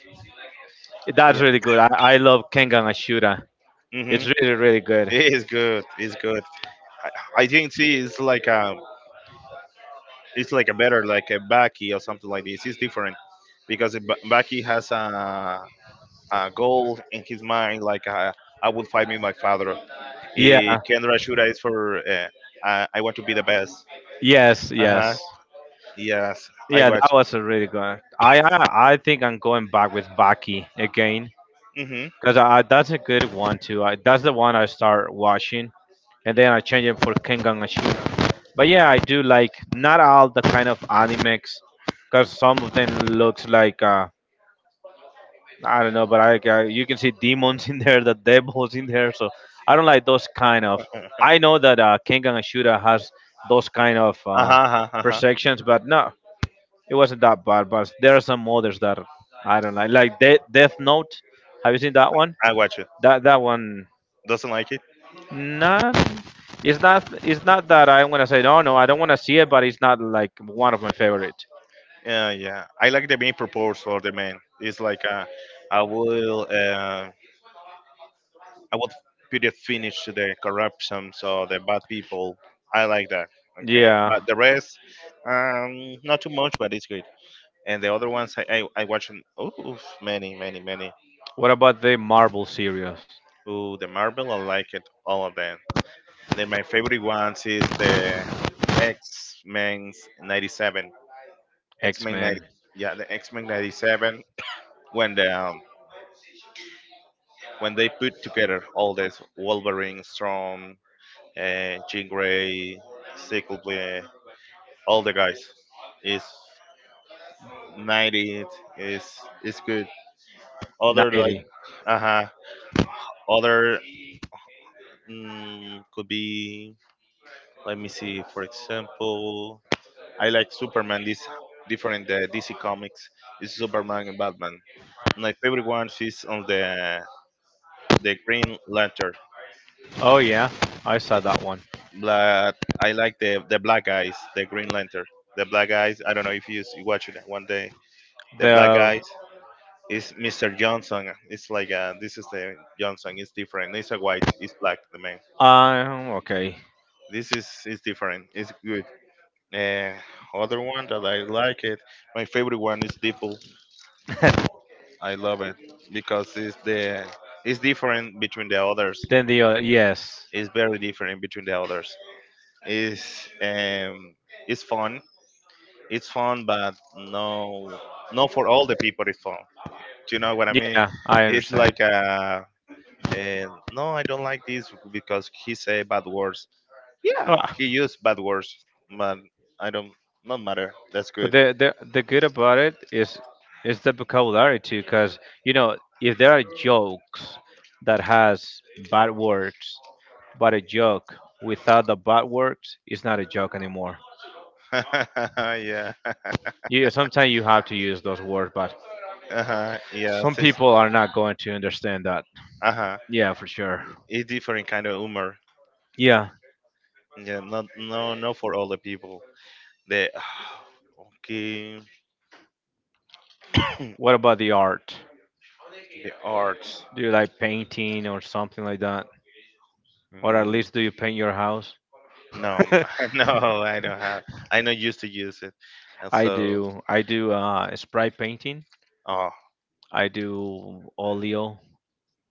[SPEAKER 2] that's
[SPEAKER 1] Yeah.
[SPEAKER 2] really good. I love Kengan Ashura.
[SPEAKER 1] hmm
[SPEAKER 2] It's really really good.
[SPEAKER 1] It is good. It's good. I, I think see it's like a better like a Baki or something like this. It's different because a Baki has a goal in his mind like, I will fight with my father.
[SPEAKER 2] Yeah.
[SPEAKER 1] Kendra Shura is for, I want to be the best.
[SPEAKER 2] Yes.
[SPEAKER 1] Uh huh.
[SPEAKER 2] Yes.
[SPEAKER 1] Yes, I
[SPEAKER 2] Yeah,
[SPEAKER 1] watch.
[SPEAKER 2] that was a really good one. I think I'm going back with Baki again
[SPEAKER 1] Mm-hmm.
[SPEAKER 2] because that's a good one too. I, that's the one I start watching, and then I change it for Kengan Ashura. But yeah, I do like not all the kind of animes because some of them looks like I don't know, but I you can see demons in there, the devils in there. So I don't like those kind of. I know that Kengan Ashura has those kind of
[SPEAKER 1] Uh huh. Uh huh.
[SPEAKER 2] perceptions, but no, it wasn't that bad. But there are some others that I don't like Death Note. Have you seen that one?
[SPEAKER 1] I watch it.
[SPEAKER 2] That that one,
[SPEAKER 1] Doesn't like it?
[SPEAKER 2] not. It's not. It's not that I want to say no, no. I don't want to see it, but it's not like one of my favorite.
[SPEAKER 1] Yeah, yeah. I like the main purpose for the man. It's like, I will uh, I will put a finish to the corruption, so the bad people. I like that. Okay,
[SPEAKER 2] Yeah.
[SPEAKER 1] but the rest, not too much, but it's good. And the other ones, I watch oh, many many many.
[SPEAKER 2] What about the Marvel series?
[SPEAKER 1] Ooh, the Marvel, I like it all of them. Then my favorite ones is the X Men's '97. X
[SPEAKER 2] X
[SPEAKER 1] Men 90.
[SPEAKER 2] Men.
[SPEAKER 1] Yeah, the X Men 97, when the when they put together all this Wolverine, Storm, Jean Grey, Sickle, all the guys is 90. Is good. Other like.
[SPEAKER 2] 90.
[SPEAKER 1] Uh huh. Other. Could be. Let me see. For example, I like Superman. This different, DC comics is Superman and Batman. My favorite one is on the Green Lantern.
[SPEAKER 2] Oh yeah, I saw that one.
[SPEAKER 1] But I like the black guys, the Green Lantern, the black guys. I don't know if you watch it one day. The black
[SPEAKER 2] The
[SPEAKER 1] guys is Mr. Johnson. It's like, this is the Johnson. It's different. It's a white. It's black. The man.
[SPEAKER 2] okay.
[SPEAKER 1] This is different. It's good. Uh, Other one that I like it. My favorite one is Deadpool. I love it because it's different between the others.
[SPEAKER 2] Then the other yes.
[SPEAKER 1] It's very different between the others. It's um it's fun. It's fun, but no, not for all the people. It's fun. Do you know what I mean?
[SPEAKER 2] Yeah, I
[SPEAKER 1] It's
[SPEAKER 2] understand.
[SPEAKER 1] like, and no, I don't like this because he say bad words. Yeah,
[SPEAKER 2] Ah,
[SPEAKER 1] he used bad words, but I don't. Not matter. That's
[SPEAKER 2] but
[SPEAKER 1] good.
[SPEAKER 2] the good about it is the vocabulary too, because you know if there are jokes that has bad words, but a joke without the bad words is not a joke anymore.
[SPEAKER 1] Yeah.
[SPEAKER 2] Yeah, sometimes you have to use those words, but
[SPEAKER 1] Uh huh. Yeah.
[SPEAKER 2] some
[SPEAKER 1] It's,
[SPEAKER 2] people are not going to understand that.
[SPEAKER 1] uh huh.
[SPEAKER 2] Yeah, for sure.
[SPEAKER 1] It's different kind of humor.
[SPEAKER 2] Yeah.
[SPEAKER 1] Yeah. Not no no for all the people. The. Okay.
[SPEAKER 2] What about the art?
[SPEAKER 1] The arts.
[SPEAKER 2] Do you like painting or something like that? Or at
[SPEAKER 1] Mm,
[SPEAKER 2] least do you paint your house?
[SPEAKER 1] no, no, I don't have. I not used to use it, and
[SPEAKER 2] I
[SPEAKER 1] so.
[SPEAKER 2] do. I do spray painting.
[SPEAKER 1] Oh.
[SPEAKER 2] I do oleo,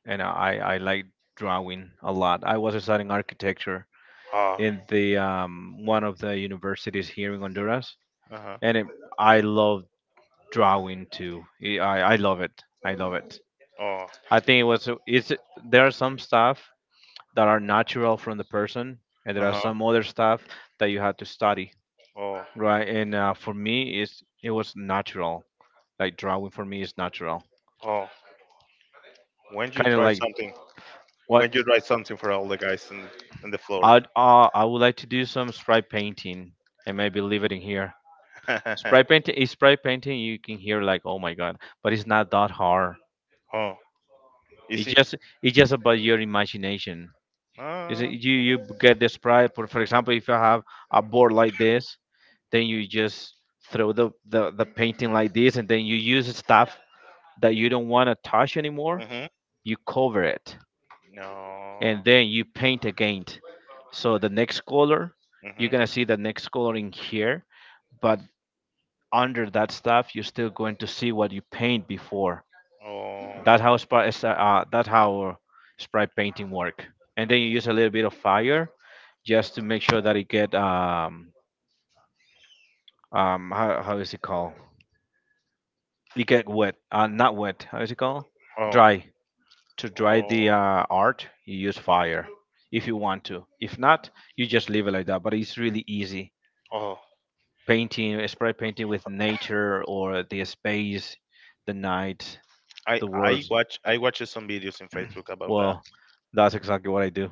[SPEAKER 2] and I like drawing a lot. I was studying architecture
[SPEAKER 1] Oh.
[SPEAKER 2] in the one of the universities here in Honduras,
[SPEAKER 1] Uh huh.
[SPEAKER 2] and it, I love drawing too. I love it. I love it.
[SPEAKER 1] Oh.
[SPEAKER 2] I think it was it's there are some stuff that are natural from the person, and there
[SPEAKER 1] Uh
[SPEAKER 2] are
[SPEAKER 1] huh.
[SPEAKER 2] some other stuff that you have to study.
[SPEAKER 1] Oh.
[SPEAKER 2] Right, and for me, it's it was natural. Like drawing for me is natural.
[SPEAKER 1] Oh. When you
[SPEAKER 2] Kind of
[SPEAKER 1] try
[SPEAKER 2] like
[SPEAKER 1] something,
[SPEAKER 2] what.
[SPEAKER 1] when you try something for all the guys in the floor.
[SPEAKER 2] I would like to do some spray painting and maybe leave it in here. Spray painting is spray painting. You can hear like oh my god, but it's not that hard.
[SPEAKER 1] Oh,
[SPEAKER 2] It's
[SPEAKER 1] easy.
[SPEAKER 2] just it's just about your imagination. Is it
[SPEAKER 1] Uh,
[SPEAKER 2] you you get the spray? For example, if you have a board like this, then you just throw the painting like this, and then you use stuff that you don't want to touch anymore,
[SPEAKER 1] mhm.
[SPEAKER 2] you cover it,
[SPEAKER 1] No.
[SPEAKER 2] and then you paint again. So the next color, you're
[SPEAKER 1] Mhm.
[SPEAKER 2] gonna see the next color in here, but under that stuff, you're still going to see what you paint before.
[SPEAKER 1] Oh.
[SPEAKER 2] That's how spray painting work. And then you use a little bit of fire just to make sure that it get um how is it called? It get wet, not wet. How is it called?
[SPEAKER 1] Oh.
[SPEAKER 2] Dry. To dry the
[SPEAKER 1] Oh,
[SPEAKER 2] art, you use fire if you want to. If not, you just leave it like that. But it's really easy.
[SPEAKER 1] oh,
[SPEAKER 2] Painting, spray painting with nature or the space, the night,
[SPEAKER 1] I
[SPEAKER 2] the
[SPEAKER 1] I
[SPEAKER 2] words.
[SPEAKER 1] watch I watch some videos in Facebook about that.
[SPEAKER 2] Well, that's exactly what I do.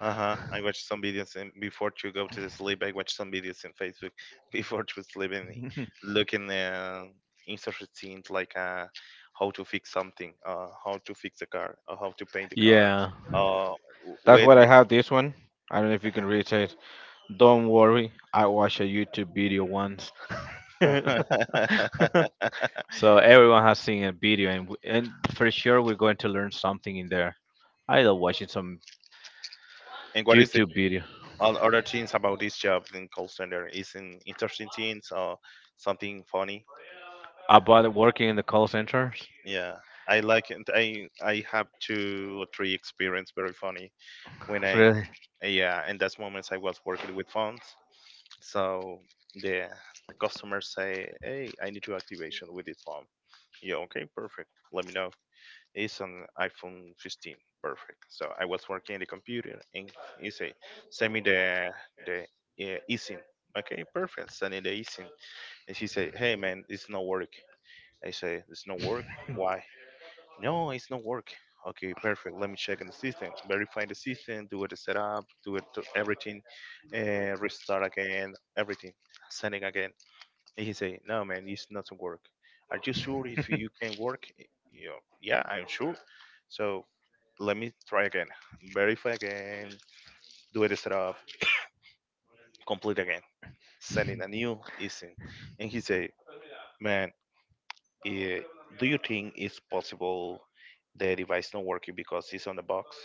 [SPEAKER 1] Uh huh. I watch some videos before to go to sleep. I watch some videos in Facebook before to sleep and looking, interesting things like, how to fix something, how to fix a car, or how to paint the car.
[SPEAKER 2] Yeah,
[SPEAKER 1] Uh,
[SPEAKER 2] that's
[SPEAKER 1] with
[SPEAKER 2] what I have this one. I don't know if you can read it. Don't worry, I watched a YouTube video once.
[SPEAKER 1] and
[SPEAKER 2] So everyone has seen a video, and and for sure we're going to learn something in there. I love watching some
[SPEAKER 1] what is it?
[SPEAKER 2] YouTube video
[SPEAKER 1] All other things about this job in call center is in interesting things or something funny.
[SPEAKER 2] about working in the call centers.
[SPEAKER 1] Yeah, I like it. I have two or three experience very funny when I.
[SPEAKER 2] Really?
[SPEAKER 1] Yeah, in those moments I was working with phones, so the the customers say, hey, I need to activation with this phone. Yeah, okay, perfect, let me know. It's an iphone 15. Perfect. So I was working in the computer, and he say, send me the eSIM. Okay, perfect, send me the eSIM. And she say, hey man, it's not work. I say, it's not work. Why? No, it's not work. Okay, perfect. Let me check in the system, verify the system, do it the setup, do it to everything, restart again, everything, sending again. And he say, no, man, it's not to work. Are you sure if you can work? Yeah, I'm sure. So let me try again, verify again, do it the setup, complete again, sending a new ISIN. And he say, man, eh, do you think it's possible the device not working because it's on the box?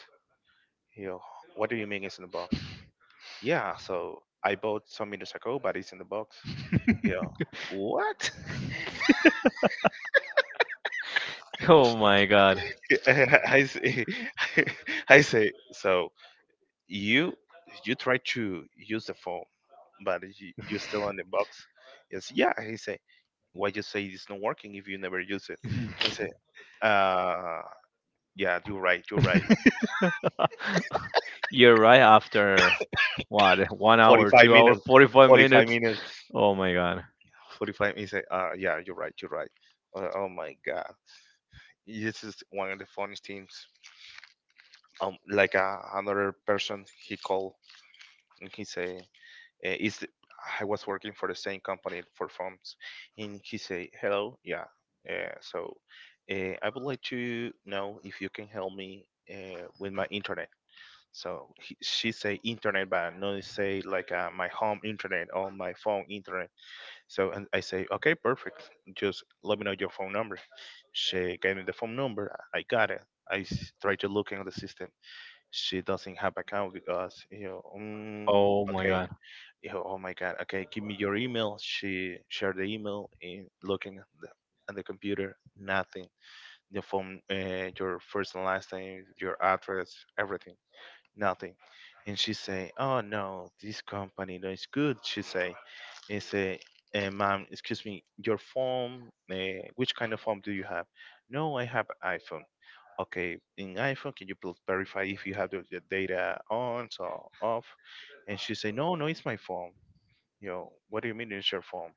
[SPEAKER 1] Yo, what do you mean it's in the box? Yeah, so I bought some minutes ago, but it's in the box. Yo, what?
[SPEAKER 2] Oh my god.
[SPEAKER 1] I say, I say, so you you try to use the phone, but you're still on the box. Yes, yeah. He say, why you say it's not working if you never use it? He say, uh, yeah, you're right, you're right.
[SPEAKER 2] You're right after what? 1 hour,
[SPEAKER 1] Forty-five
[SPEAKER 2] 2 hour,
[SPEAKER 1] minutes,
[SPEAKER 2] 45
[SPEAKER 1] forty-five
[SPEAKER 2] minutes.
[SPEAKER 1] minutes,
[SPEAKER 2] Oh my god.
[SPEAKER 1] 45. He say, yeah, you're right, you're right. Oh my god. This is one of the funniest things. Like another person, he called and he say, "Is the- I was working for the same company for phones, and he say, Hello, yeah, so I would like to know if you can help me with my internet." So he, she say internet, but not say like, my home internet or my phone internet. So and I say, okay, perfect. Just let me know your phone number. She gave me the phone number. I got it. I tried to look in the system. She doesn't have account because.
[SPEAKER 2] Oh my
[SPEAKER 1] Okay.
[SPEAKER 2] god.
[SPEAKER 1] Oh my god. Okay, give me your email. She shared the email in looking at the computer. Nothing. The phone. Your first and last name. Your address. Everything nothing. And she say, "Oh no, this company no is good." She say, "He say, ma'am, excuse me, your phone. Which kind of phone do you have?" No, I have iPhone. Okay, in iPhone, can you please verify if you have the data on or off?" And she say, "No, no, it's my phone." You know, what do you mean it's your phone?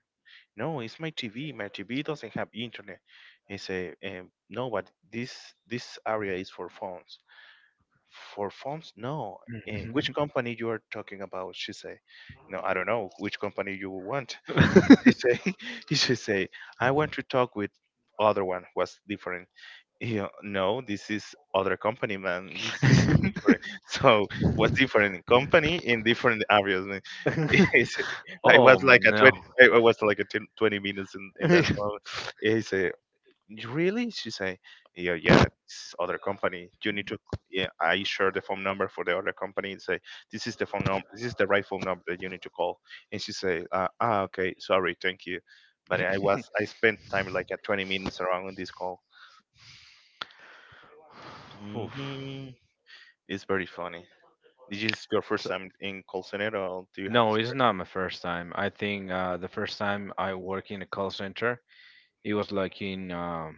[SPEAKER 1] No, it's my TV. My TV doesn't have internet. He say, "No, but this area is for phones." For phones, no. Eh, which company you are talking about, she say, no, I don't know which company you want. He say, she say, I want to talk with other one was different. You know, no, this is other company, man, this is different. So what's different in company in different areas, man. He say- I
[SPEAKER 2] Oh
[SPEAKER 1] was like a
[SPEAKER 2] no.
[SPEAKER 1] 20, I was like a 10, 20 minutes in that moment. He say, "You really?" She say, yeah, yeah, it's other company. You need to, yeah, I share the phone number for the other company and say, this is the phone number, this is the right phone number that you need to call. And she say, okay, sorry, thank you. But I spent time like at 20 minutes around on this call.
[SPEAKER 2] Oof.
[SPEAKER 1] Hmm. It's very funny. This is your first
[SPEAKER 2] So,
[SPEAKER 1] time in call center or do you have?
[SPEAKER 2] no, it's not my first time. I think the first time I work in a call center, it was like in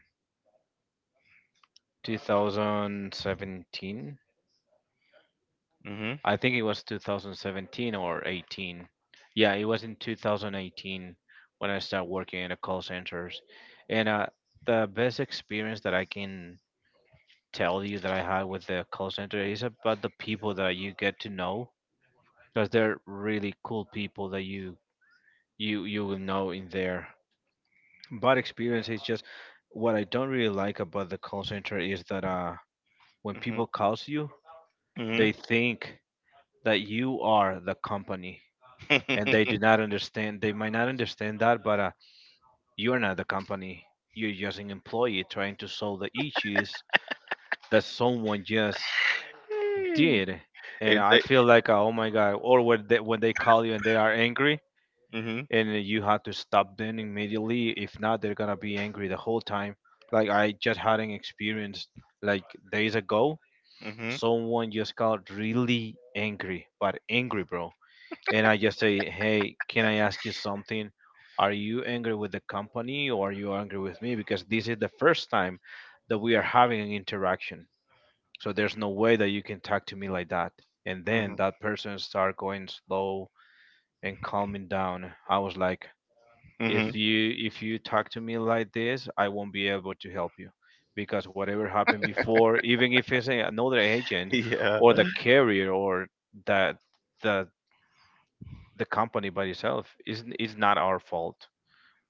[SPEAKER 2] 2017.
[SPEAKER 1] Hmm.
[SPEAKER 2] I think it was 2017 or 18. Yeah, it was in 2018 when I started working in the call centers. And the best experience that I can tell you that I had with the call center is about the people that you get to know, because they're really cool people that you will know in there. Bad experience is just what I don't really like about the call center is that uh, when
[SPEAKER 1] Hmm.
[SPEAKER 2] people calls you,
[SPEAKER 1] Hmm.
[SPEAKER 2] they think that you are the company and they do not understand, they might not understand that, but you're not the company, you're just an employee trying to solve the issues that someone just did. And
[SPEAKER 1] it,
[SPEAKER 2] I
[SPEAKER 1] they,
[SPEAKER 2] feel like oh my god, or when they call you and they are angry
[SPEAKER 1] hmm.
[SPEAKER 2] and you have to stop them immediately, if not they're gonna be angry the whole time. Like I just had an experience like days ago,
[SPEAKER 1] Hmm.
[SPEAKER 2] someone just got really angry, but angry bro. And I just say, "Hey, can I ask you something? Are you angry with the company or are you angry with me? Because this is the first time that we are having an interaction. So there's no way that you can talk to me like that." And then
[SPEAKER 1] Hmm.
[SPEAKER 2] that person start going slow and calming down. I was like,
[SPEAKER 1] Hmm.
[SPEAKER 2] If you talk to me like this, I won't be able to help you." Because whatever happened before, even if it's another agent
[SPEAKER 1] Yeah.
[SPEAKER 2] or
[SPEAKER 1] Not
[SPEAKER 2] the carrier or that the the company by itself isn't, it's not our fault.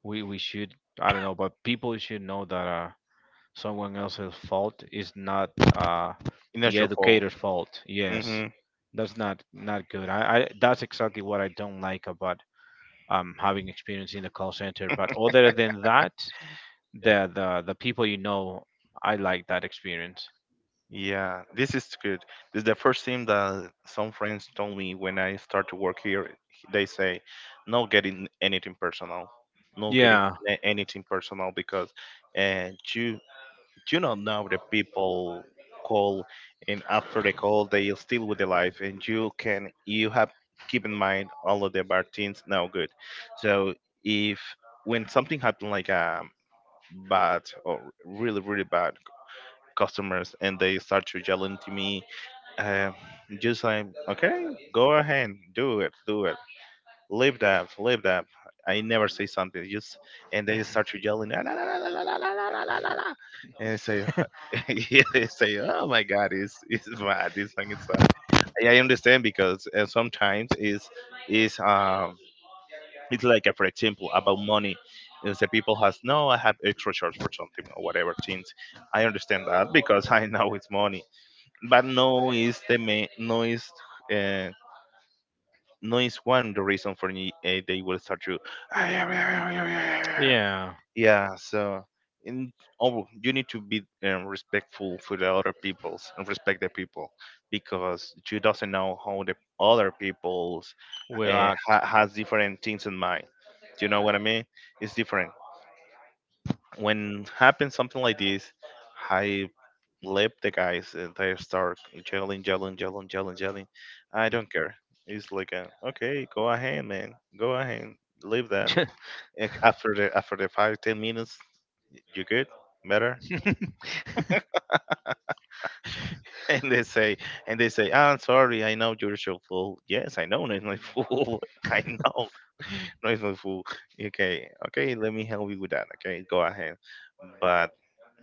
[SPEAKER 2] We should, I don't know, but people should know that uh, someone else's fault is not uh, the
[SPEAKER 1] your fault.
[SPEAKER 2] educator's fault, yes.
[SPEAKER 1] Hmm.
[SPEAKER 2] That's not not good. I, That's exactly what I don't like about having experience in the call center. But other than that, the people, you know, I like that experience.
[SPEAKER 1] Yeah, this is good. This is the first thing that some friends told me when I start to work here. They say, "No getting anything personal, no getting
[SPEAKER 2] Yeah.
[SPEAKER 1] anything personal because uh, you you know now the people call, and after the call they are still with the life, and you have keep in mind all of the martins now good. So if when something happened like bad or really really bad customers and they start to yelling to me, um just like okay, go ahead, do it, do it, leave that. I never say something. Just and then you start to yelling, "La, la, la, la, la, la, la, la, la, la, la, la," and I say, yeah, they say, oh my god, it's bad. This thing is bad. I understand because sometimes it's it's um it's like for example about money. Is the people has no, I have extra charge for something or whatever things. I understand that because I know it's money, but no is the main, no is. uh, no is one the reason for me they will start to
[SPEAKER 2] Yeah.
[SPEAKER 1] yeah so in oh you need to be respectful for the other peoples and respect the people because you doesn't know how the other peoples
[SPEAKER 2] Well
[SPEAKER 1] has different things in mind. Do you know what I mean? It's different. When happens something like this, I left the guys and they start yelling, yelling, yelling, yelling, yelling. I don't care. It's like a, okay, go ahead, man, go ahead, leave that. After the 5 10 minutes, you good, better.
[SPEAKER 2] uh
[SPEAKER 1] And they say and they say, "Ah, I'm sorry, I know you're so full. Yes, I know, I'm not full. I know, no, it's not full. Okay, okay, let me help you with that. Okay, go ahead." But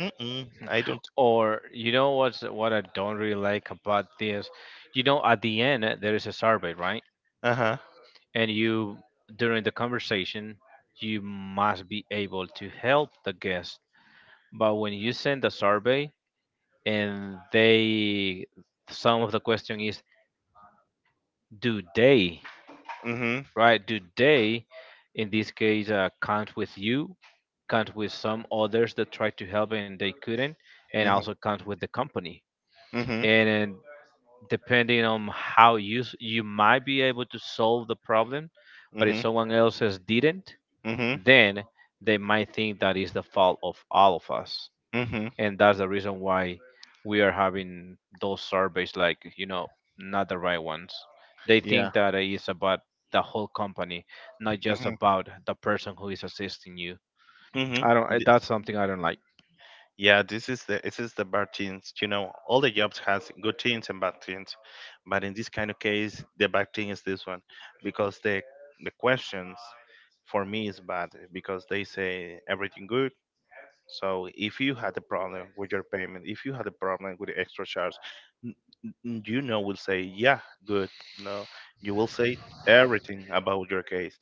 [SPEAKER 1] mm-mm, I don't.
[SPEAKER 2] or you know what's what I don't really like about this? You know, at the end there is a survey, right?
[SPEAKER 1] Uh huh.
[SPEAKER 2] And you during the conversation you must be able to help the guest. But when you send the survey and they some of the question is do they,
[SPEAKER 1] Mm-hmm.
[SPEAKER 2] right, do they in this case count with you, count with some others that tried to help and they couldn't, and
[SPEAKER 1] Mm-hmm.
[SPEAKER 2] also count with the company.
[SPEAKER 1] Mm-hmm.
[SPEAKER 2] And, depending on how you s- you might be able to solve the problem, but if someone else says didn't,
[SPEAKER 1] Mm-hmm.
[SPEAKER 2] then they might think that is the fault of all of us.
[SPEAKER 1] Mm-hmm.
[SPEAKER 2] And that's the reason why we are having those surveys, like, you know, not the right ones. They think
[SPEAKER 1] Yeah.
[SPEAKER 2] that it is about the whole company, not just
[SPEAKER 1] Mhm.
[SPEAKER 2] about the person who is assisting you.
[SPEAKER 1] Mhm.
[SPEAKER 2] I don't
[SPEAKER 1] Th-
[SPEAKER 2] that's something I don't like.
[SPEAKER 1] Yeah, this is the bad things. You know, all the jobs has good things and bad things, but in this kind of case, the bad thing is this one, because the questions for me is bad because they say everything good. So if you had a problem with your payment, if you had a problem with the extra charge, n- you know will say, yeah, good. No, you will say everything about your case,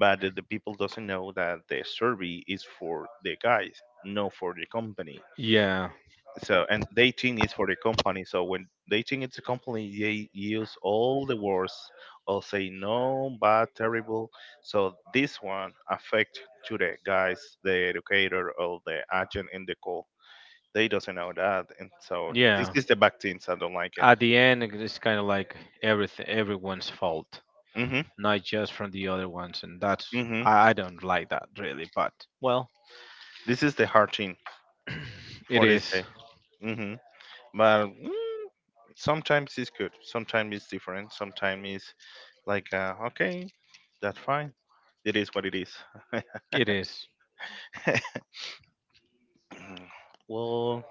[SPEAKER 1] but the people doesn't know that the survey is for the guys, not for the company.
[SPEAKER 2] Yeah.
[SPEAKER 1] So and dating is for the company. So when dating is a company, they use all the words, all say no, bad, terrible. So this one affect to the guys, the educator or the agent in the call. They doesn't know that, and so this
[SPEAKER 2] Yeah.
[SPEAKER 1] is the back things. I don't like it.
[SPEAKER 2] At the end, it's kind of like everything, everyone's fault,
[SPEAKER 1] Mhm,
[SPEAKER 2] not just from the other ones, and that's
[SPEAKER 1] mhm.
[SPEAKER 2] I don't like that really. But well,
[SPEAKER 1] This is the hard thing
[SPEAKER 2] it
[SPEAKER 1] for this
[SPEAKER 2] is.
[SPEAKER 1] guy. Mhm. But mm, sometimes it's good. Sometimes it's different. Sometimes it's. Like, okay, that's fine. It is what it is.
[SPEAKER 2] It is.
[SPEAKER 1] well,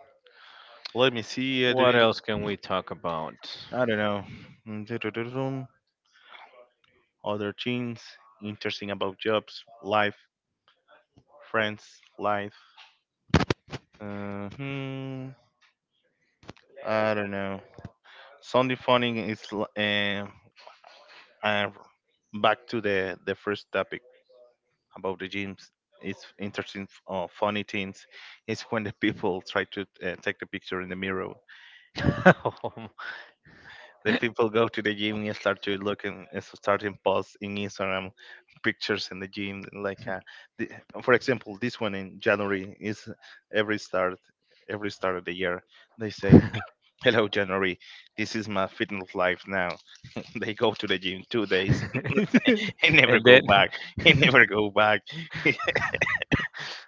[SPEAKER 1] let me see. I
[SPEAKER 2] What
[SPEAKER 1] didn't.
[SPEAKER 2] else can we talk about?
[SPEAKER 1] I don't know. Mm, other things interesting about jobs, life, friends, life. Uh, hmm, I don't know. Sunday funny is uh, back to the first topic about the gyms. It's interesting, funny things is when the people try to take a picture in the mirror. The people go to the gym and start to look and so start in posts in Instagram pictures in the gym. Like, the, for example, this one in January is every start every start of the year. They
[SPEAKER 2] Um,
[SPEAKER 1] say, "Hello, January. This is my fitness life now." They go to the gym two days and never
[SPEAKER 2] and
[SPEAKER 1] go
[SPEAKER 2] then
[SPEAKER 1] back. And never go back.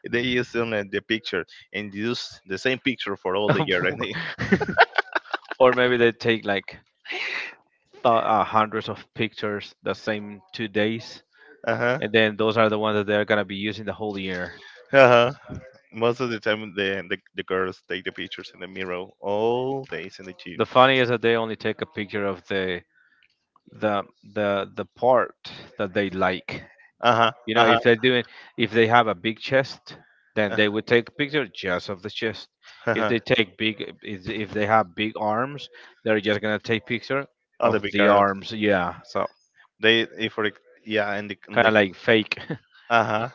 [SPEAKER 1] They use only the picture and use the same picture for all the year. And they,
[SPEAKER 2] or maybe they take like hundreds of pictures the same 2 days,
[SPEAKER 1] uh huh,
[SPEAKER 2] and then those are the ones that they're going to be using the whole year.
[SPEAKER 1] uh huh. Most of the time, the girls take the pictures in the mirror all days in the
[SPEAKER 2] The
[SPEAKER 1] gym.
[SPEAKER 2] funny is that they only take a picture of the the part that they like.
[SPEAKER 1] Uh huh.
[SPEAKER 2] You know,
[SPEAKER 1] Uh
[SPEAKER 2] if
[SPEAKER 1] huh.
[SPEAKER 2] they're doing, if they have a big chest, then they would take picture just of the chest.
[SPEAKER 1] Uh
[SPEAKER 2] If
[SPEAKER 1] huh.
[SPEAKER 2] they take big, if they have big arms, they're just gonna take picture
[SPEAKER 1] All
[SPEAKER 2] of
[SPEAKER 1] the big
[SPEAKER 2] the
[SPEAKER 1] girls.
[SPEAKER 2] arms. Yeah, so
[SPEAKER 1] They if for ex- yeah, and the, and
[SPEAKER 2] kind of
[SPEAKER 1] the
[SPEAKER 2] like fake.
[SPEAKER 1] uh huh.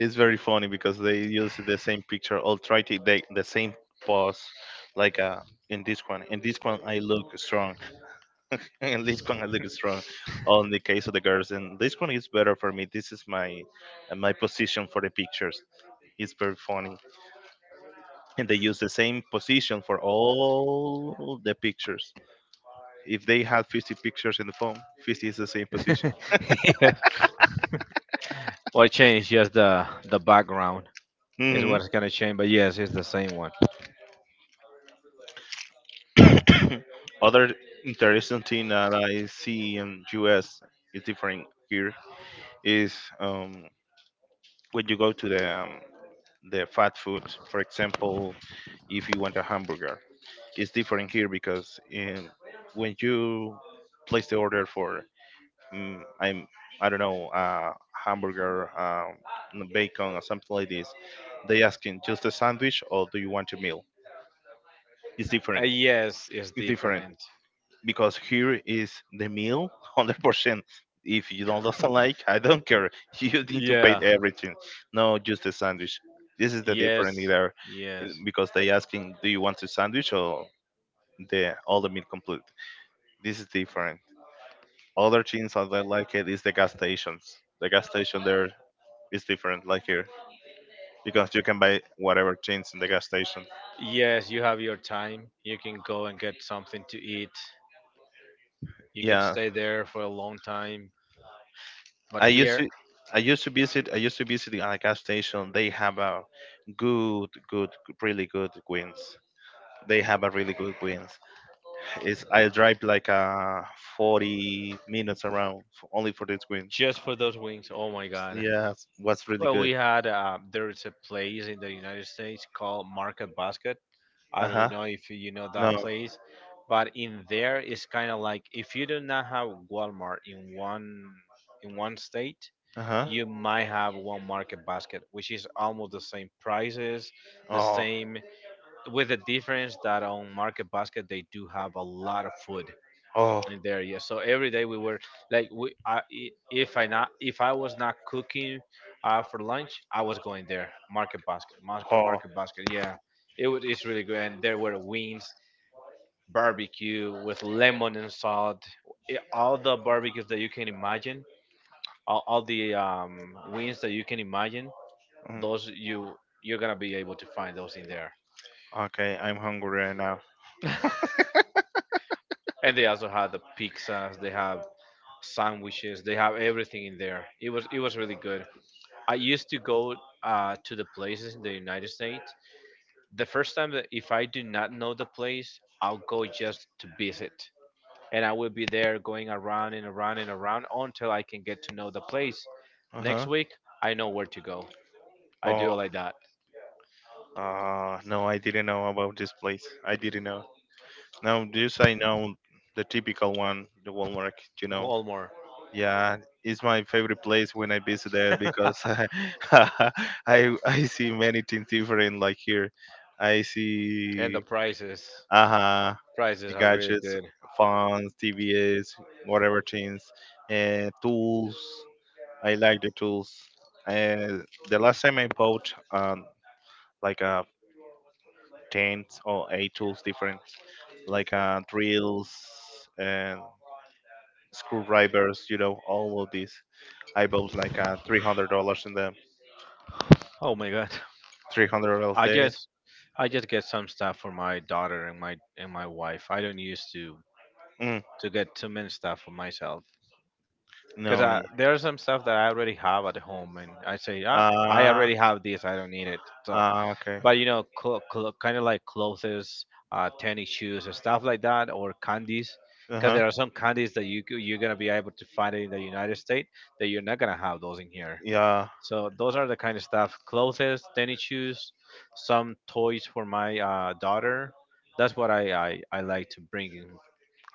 [SPEAKER 1] It's very funny because they use the same picture all try to the same pose, like in this one. In this one, I look strong. In this one, I look strong. On the case of the girls, and this one is better for me. This is my my position for the pictures. It's very funny. And they use the same position for all the pictures. If they had 50 pictures in the phone, 50 is the same position.
[SPEAKER 2] Yeah. Or change just the background. Is
[SPEAKER 1] Hmm.
[SPEAKER 2] what's gonna change. But yes, it's the same one.
[SPEAKER 1] Other interesting thing that I see in US is different here is when you go to the fast food, for example, if you want a hamburger, it's different here because in, when you place the order for mm, I'm I don't know hamburger, bacon, or something like this. They asking just a sandwich or do you want a meal? It's different.
[SPEAKER 2] Yes, it's
[SPEAKER 1] It's different
[SPEAKER 2] different.
[SPEAKER 1] because here is the meal, 100%. If you don't doesn't like, I don't care. You need to pay
[SPEAKER 2] Yeah.
[SPEAKER 1] everything. No, just a sandwich. This is the
[SPEAKER 2] Yes,
[SPEAKER 1] different there
[SPEAKER 2] yes,
[SPEAKER 1] because they asking, do you want a sandwich or the all the meal complete? This is different. Other things that I like it is the gas stations. The gas station there, it's different, like here, because you can buy whatever things in the gas station.
[SPEAKER 2] yes. You have your time. You can go and get something to eat. You can
[SPEAKER 1] Yeah,
[SPEAKER 2] stay there for a long time. But
[SPEAKER 1] I used
[SPEAKER 2] here,
[SPEAKER 1] to. I used to visit a gas station. They have a good, good, really good wings. They have a really good wings. It's I drive like 40 minutes around f only for these wings.
[SPEAKER 2] just for those wings, oh my god.
[SPEAKER 1] Yeah, was really
[SPEAKER 2] Well,
[SPEAKER 1] good.
[SPEAKER 2] we had there is a place in the United States called Market Basket.
[SPEAKER 1] Uh
[SPEAKER 2] I
[SPEAKER 1] huh.
[SPEAKER 2] don't know if you know
[SPEAKER 1] No.
[SPEAKER 2] that place, but in there it's kind of like if you do not have Walmart in one state,
[SPEAKER 1] Uh huh.
[SPEAKER 2] you might have one Market Basket, which is almost the same prices, the same, with the difference that on Market Basket they do have a lot of food in there. Yeah, so every day we were like we if I not if I was not cooking for lunch I was going there. Market Basket,
[SPEAKER 1] Oh.
[SPEAKER 2] Market,
[SPEAKER 1] Oh. Oh.
[SPEAKER 2] Market Basket, yeah. It was it's really good, and there were wings, barbecue with lemon and salt, all the barbecues that you can imagine, all the wings that you can imagine,
[SPEAKER 1] Mm.
[SPEAKER 2] those you you're gonna be able to find those in there.
[SPEAKER 1] Okay, I'm hungry right now.
[SPEAKER 2] And they also had the pizzas, they have sandwiches, they have everything in there. It was it was really good. I used to go to the places in the United States. The first time that if I do not know the place, I'll go just to visit, and I will be there going around and around and around until I can get to know the place.
[SPEAKER 1] Uh
[SPEAKER 2] Next
[SPEAKER 1] huh.
[SPEAKER 2] week, I know where to go. I
[SPEAKER 1] Oh,
[SPEAKER 2] do it like that.
[SPEAKER 1] no, I didn't know about this place. I didn't know. No, this I know the typical one, the Walmart, you know.
[SPEAKER 2] Walmart.
[SPEAKER 1] Yeah, it's my favorite place when I visit there because I see many things different like here. I
[SPEAKER 2] And
[SPEAKER 1] see
[SPEAKER 2] the prices,
[SPEAKER 1] uh-huh
[SPEAKER 2] prices are really
[SPEAKER 1] gadgets,
[SPEAKER 2] good.
[SPEAKER 1] phones, TVs, whatever things, and tools. I like the tools. And the last time I bought like a ten or eight tools different, like drills and screwdrivers. You know, all of these. I bought like $300 in them.
[SPEAKER 2] Oh my god,
[SPEAKER 1] $300
[SPEAKER 2] I
[SPEAKER 1] there.
[SPEAKER 2] just I just get some stuff for my daughter and my wife. I don't used
[SPEAKER 1] Mm.
[SPEAKER 2] to get too many stuff for myself. Because
[SPEAKER 1] No. y-
[SPEAKER 2] there's some stuff that I already have at home, and I say, ah, I
[SPEAKER 1] Ah.
[SPEAKER 2] already have this, I don't need it. So,
[SPEAKER 1] Ah. Okay.
[SPEAKER 2] but you know, kind of like clothes, tennis shoes, and stuff like that, or candies,
[SPEAKER 1] Uh
[SPEAKER 2] because
[SPEAKER 1] huh.
[SPEAKER 2] there are some candies that you you're gonna be able to find in the United States that you're not gonna have those in here.
[SPEAKER 1] Yeah.
[SPEAKER 2] So those are the kind of stuff: clothes, tennis shoes, some toys for my daughter. That's what I like to bring in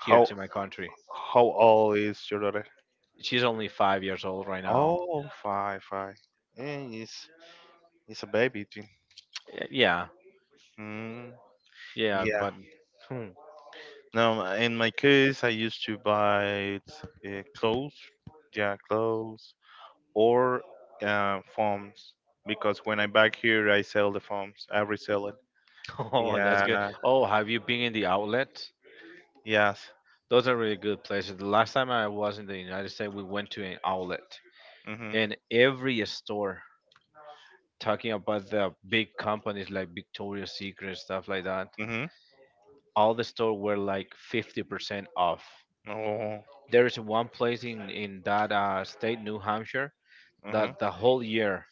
[SPEAKER 2] here to my country.
[SPEAKER 1] how old is your daughter?
[SPEAKER 2] She's only 5 years old right now.
[SPEAKER 1] Oh, five, five. Eh, it's a baby. Too.
[SPEAKER 2] Eh, yeah,
[SPEAKER 1] Mm.
[SPEAKER 2] yeah,
[SPEAKER 1] Yeah.
[SPEAKER 2] but hmm,
[SPEAKER 1] No, in my case, I used to buy clothes. Yeah, clothes or phones. Because when I back here, I sell the phones. I resell it.
[SPEAKER 2] oh, that's good.
[SPEAKER 1] Yeah.
[SPEAKER 2] Oh, have you been in the outlet?
[SPEAKER 1] Yes.
[SPEAKER 2] Those are really good places. The last time I was in the United States, we went to an outlet,
[SPEAKER 1] Mhm.
[SPEAKER 2] and every store talking about the big companies like Victoria's Secret stuff like that.
[SPEAKER 1] Mhm.
[SPEAKER 2] All the store were like 50% off.
[SPEAKER 1] Oh.
[SPEAKER 2] There is one place in that state, New Hampshire,
[SPEAKER 1] Mhm.
[SPEAKER 2] that the whole year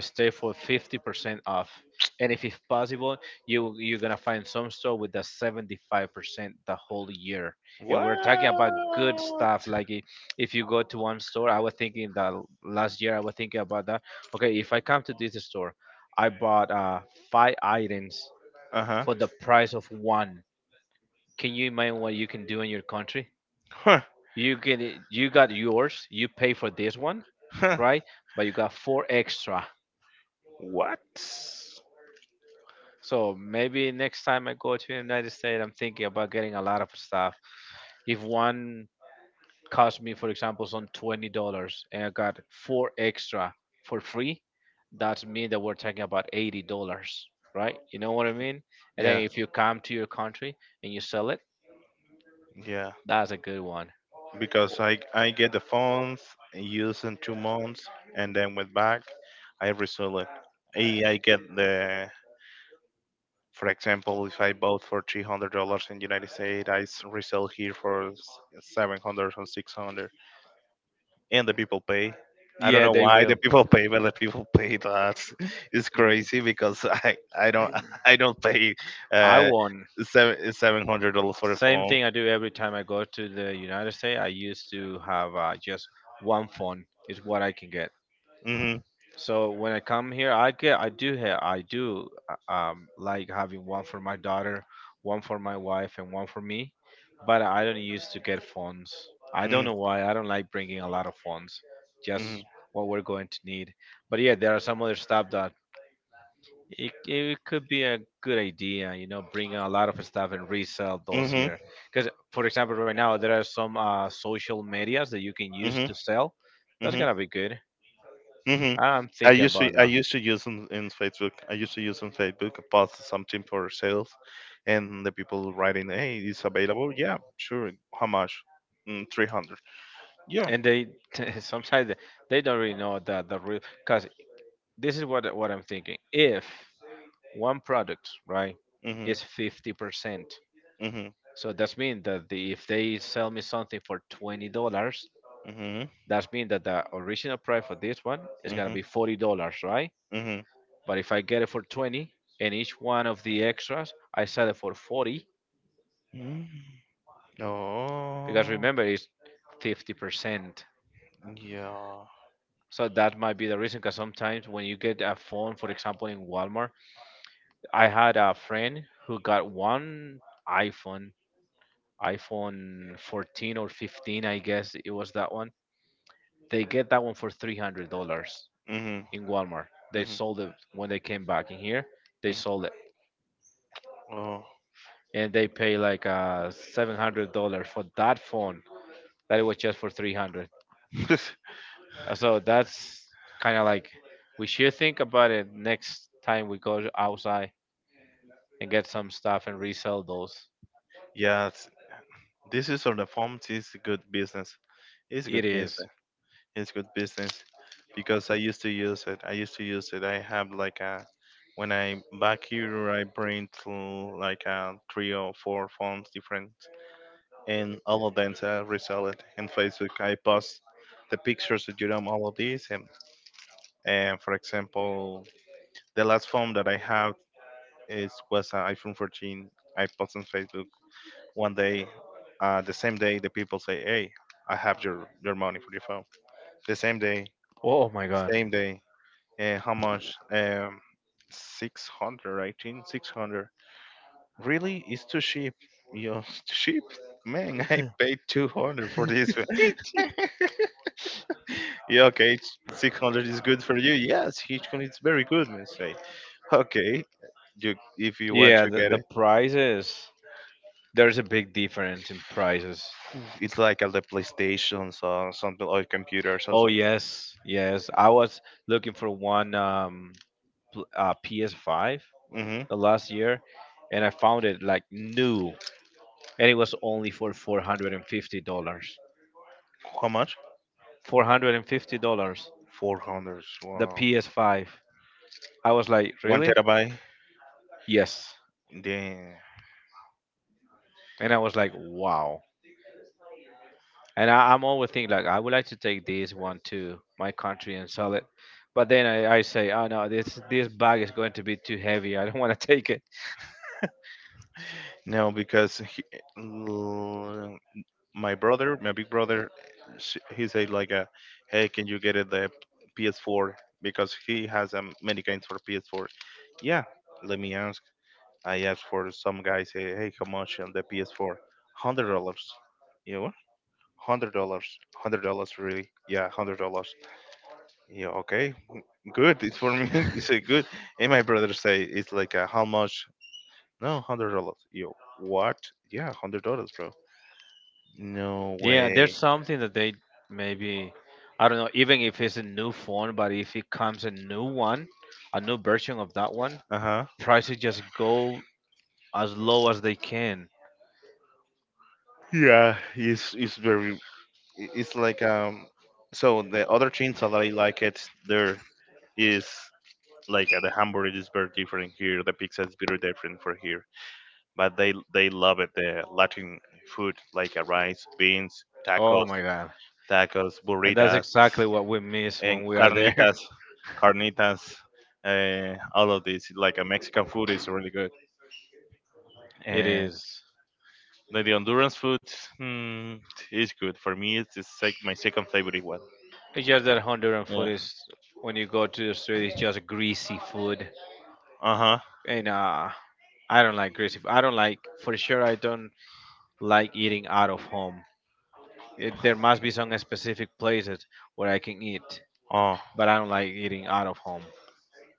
[SPEAKER 2] stay for 50% off, and if it's possible you're gonna find some store with the 75% the whole year. And we're talking about good
[SPEAKER 1] What?
[SPEAKER 2] stuff like if you go to one store. I was thinking that last year I was thinking about that. Okay, if I come to this store, I bought five items
[SPEAKER 1] Uh huh.
[SPEAKER 2] for the price of one. Can you imagine what you can do in your country?
[SPEAKER 1] Huh. Huh.
[SPEAKER 2] You got yours, you pay for this one, right? But you got four extra.
[SPEAKER 1] What?
[SPEAKER 2] So maybe next time I go to the United States, I'm thinking about getting a lot of stuff. If one cost me, for example, some $20, and I got four extra for free, that's me that we're talking about $80, right? You know what I mean? And then
[SPEAKER 1] Yeah.
[SPEAKER 2] if you come to your country and you sell it,
[SPEAKER 1] Yeah.
[SPEAKER 2] that's a good one.
[SPEAKER 1] Because I get the phones and use in 2 months and then went back. I resell it. I get the for example, if I bought for $300 in United States, resell here for 700 or 600, and the people pay. I don't
[SPEAKER 2] Yeah,
[SPEAKER 1] know
[SPEAKER 2] they
[SPEAKER 1] why
[SPEAKER 2] will.
[SPEAKER 1] the people pay, but the people pay that. It's
[SPEAKER 2] Mm.
[SPEAKER 1] crazy because I don't I don't pay
[SPEAKER 2] I
[SPEAKER 1] uh
[SPEAKER 2] won.
[SPEAKER 1] seven hundred dollars for a
[SPEAKER 2] Same
[SPEAKER 1] phone.
[SPEAKER 2] thing I do every time I go to the United States. I used to have just one phone is what I can get.
[SPEAKER 1] Hmm.
[SPEAKER 2] So when I come here, I get I do have I do like having one for my daughter, one for my wife, and one for me. But I don't used to get phones. I don't know why. I don't like bringing a lot of phones. Just what we're going to need. But yeah, there are some other stuff that it could be a good idea, bring a lot of stuff and resell
[SPEAKER 1] Mm,
[SPEAKER 2] those
[SPEAKER 1] mhm,
[SPEAKER 2] here. Because, for example, right now there are some social medias that you can use
[SPEAKER 1] mhm,
[SPEAKER 2] to sell. That's
[SPEAKER 1] mhm,
[SPEAKER 2] gonna be good.
[SPEAKER 1] mhm.
[SPEAKER 2] I'm thinking about
[SPEAKER 1] I
[SPEAKER 2] that.
[SPEAKER 1] used to use in Facebook. I used to use on Facebook post something for sales, and the people writing, "Hey, it's available." Yeah, sure. How much? Mm, 300. Yeah.
[SPEAKER 2] And they sometimes they don't really know that the real. Because this is what I'm thinking. If one product, right,
[SPEAKER 1] Mhm.
[SPEAKER 2] is 50%,
[SPEAKER 1] Mhm.
[SPEAKER 2] so that's mean that the, if they sell me something for $20, that's mean that the original price for this one is
[SPEAKER 1] Mm-hmm.
[SPEAKER 2] gonna
[SPEAKER 1] Mm-hmm.
[SPEAKER 2] be $40, right?
[SPEAKER 1] Mm-hmm.
[SPEAKER 2] But if I get it for 20 and each one of the extras, I sell it for 40,
[SPEAKER 1] Mm.
[SPEAKER 2] because
[SPEAKER 1] Oh.
[SPEAKER 2] remember it's 50%.
[SPEAKER 1] Yeah.
[SPEAKER 2] So that might be the reason, because sometimes when you get a phone, for example, in Walmart, I had a friend who got one iPhone, iPhone 14 or 15, I guess it was that one. They get that one for $300
[SPEAKER 1] Mm-hmm.
[SPEAKER 2] in Walmart. They
[SPEAKER 1] Mm-hmm.
[SPEAKER 2] sold it when they came back in here, they
[SPEAKER 1] Mm.
[SPEAKER 2] sold it,
[SPEAKER 1] Oh.
[SPEAKER 2] and they pay like $700 for that phone that it was just for 300. So that's kind of like we should think about it next time we go outside and get some stuff and resell those.
[SPEAKER 1] Yes. This is on the form. It's a good business. It's a good
[SPEAKER 2] It
[SPEAKER 1] business.
[SPEAKER 2] is.
[SPEAKER 1] It's good business because I used to use it. I have like a when I back here, I print like a three or four forms different, and all of them are resold in Facebook. I post the pictures of Jerome, all of these, and for example, the last phone that I have is was an iPhone 14. I post on Facebook one day, the same day the people say, "Hey, I have your money for your phone." The
[SPEAKER 2] Oh my god.
[SPEAKER 1] same day, and how much? 600, I think, 600. Really, it's too cheap. You know, it's too cheap. Man, I paid 200 for this. Yeah, okay, it's 600 is good for you. Yes, Hitchcock is very good, man. Say, okay, you if you want
[SPEAKER 2] Yeah,
[SPEAKER 1] to get
[SPEAKER 2] the
[SPEAKER 1] it,
[SPEAKER 2] prices. There's a big difference in prices.
[SPEAKER 1] it's like at the PlayStation or something or computers or
[SPEAKER 2] Oh
[SPEAKER 1] something.
[SPEAKER 2] yes, yes. I was looking for one PS5
[SPEAKER 1] Hmm.
[SPEAKER 2] the last year, and I found it like new, and it was only for $450.
[SPEAKER 1] How much?
[SPEAKER 2] $450.
[SPEAKER 1] 400.
[SPEAKER 2] The
[SPEAKER 1] Wow,
[SPEAKER 2] PS5. I was like,
[SPEAKER 1] one
[SPEAKER 2] really?
[SPEAKER 1] terabyte.
[SPEAKER 2] Yes.
[SPEAKER 1] Damn.
[SPEAKER 2] And I was like, wow. And I'm always thinking like, I would like to take this one to my country and sell it. But then I say, oh no, this bag is going to be too heavy. I don't want to take it.
[SPEAKER 1] No, because l- my brother, my big brother, he said like, "Hey, can you get it the PS4?" Because he has many games for PS4. Yeah, let me ask. I asked for some guy say, "Hey, how much on the PS4?" $100. You know, $100. $100, really? Yeah, $100. Yeah, okay, good. It's for me. You say good. And my brother say it's like how much? No, $100. Yo, what? Yeah, $100, bro. No
[SPEAKER 2] Yeah, there's
[SPEAKER 1] way.
[SPEAKER 2] something that they maybe, I don't know, even if it's a new phone, but if it comes a new one, a new version of that one,
[SPEAKER 1] Uh huh.
[SPEAKER 2] prices just go as low as they can.
[SPEAKER 1] Yeah, it's very. It's like. So the other chains that I like it there is like the hamburger is very different here. The pizza is very different for here. But they love it. The Latin food like rice, beans,
[SPEAKER 2] Oh
[SPEAKER 1] tacos,
[SPEAKER 2] my God.
[SPEAKER 1] tacos,
[SPEAKER 2] And that's
[SPEAKER 1] burritas,
[SPEAKER 2] exactly what we miss
[SPEAKER 1] and
[SPEAKER 2] when we are there.
[SPEAKER 1] carnitas, carnitas. All of this, like a Mexican food, is really good.
[SPEAKER 2] It
[SPEAKER 1] And
[SPEAKER 2] is.
[SPEAKER 1] the Honduran food hmm, is good for me. It's the my second favorite one.
[SPEAKER 2] It's just that Honduran
[SPEAKER 1] Yeah.
[SPEAKER 2] food is, when you go to the street, it's just greasy food.
[SPEAKER 1] Uh huh.
[SPEAKER 2] And I don't like greasy. I don't like, for sure, I don't like eating out of home. It, there must be some specific places where I can eat,
[SPEAKER 1] Oh,
[SPEAKER 2] but I don't like eating out of home.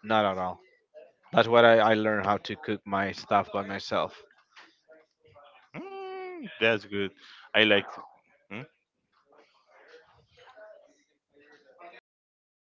[SPEAKER 2] Not at all. That's what I learned how to cook my stuff by myself.
[SPEAKER 1] mm, that's good. I like. Hmm?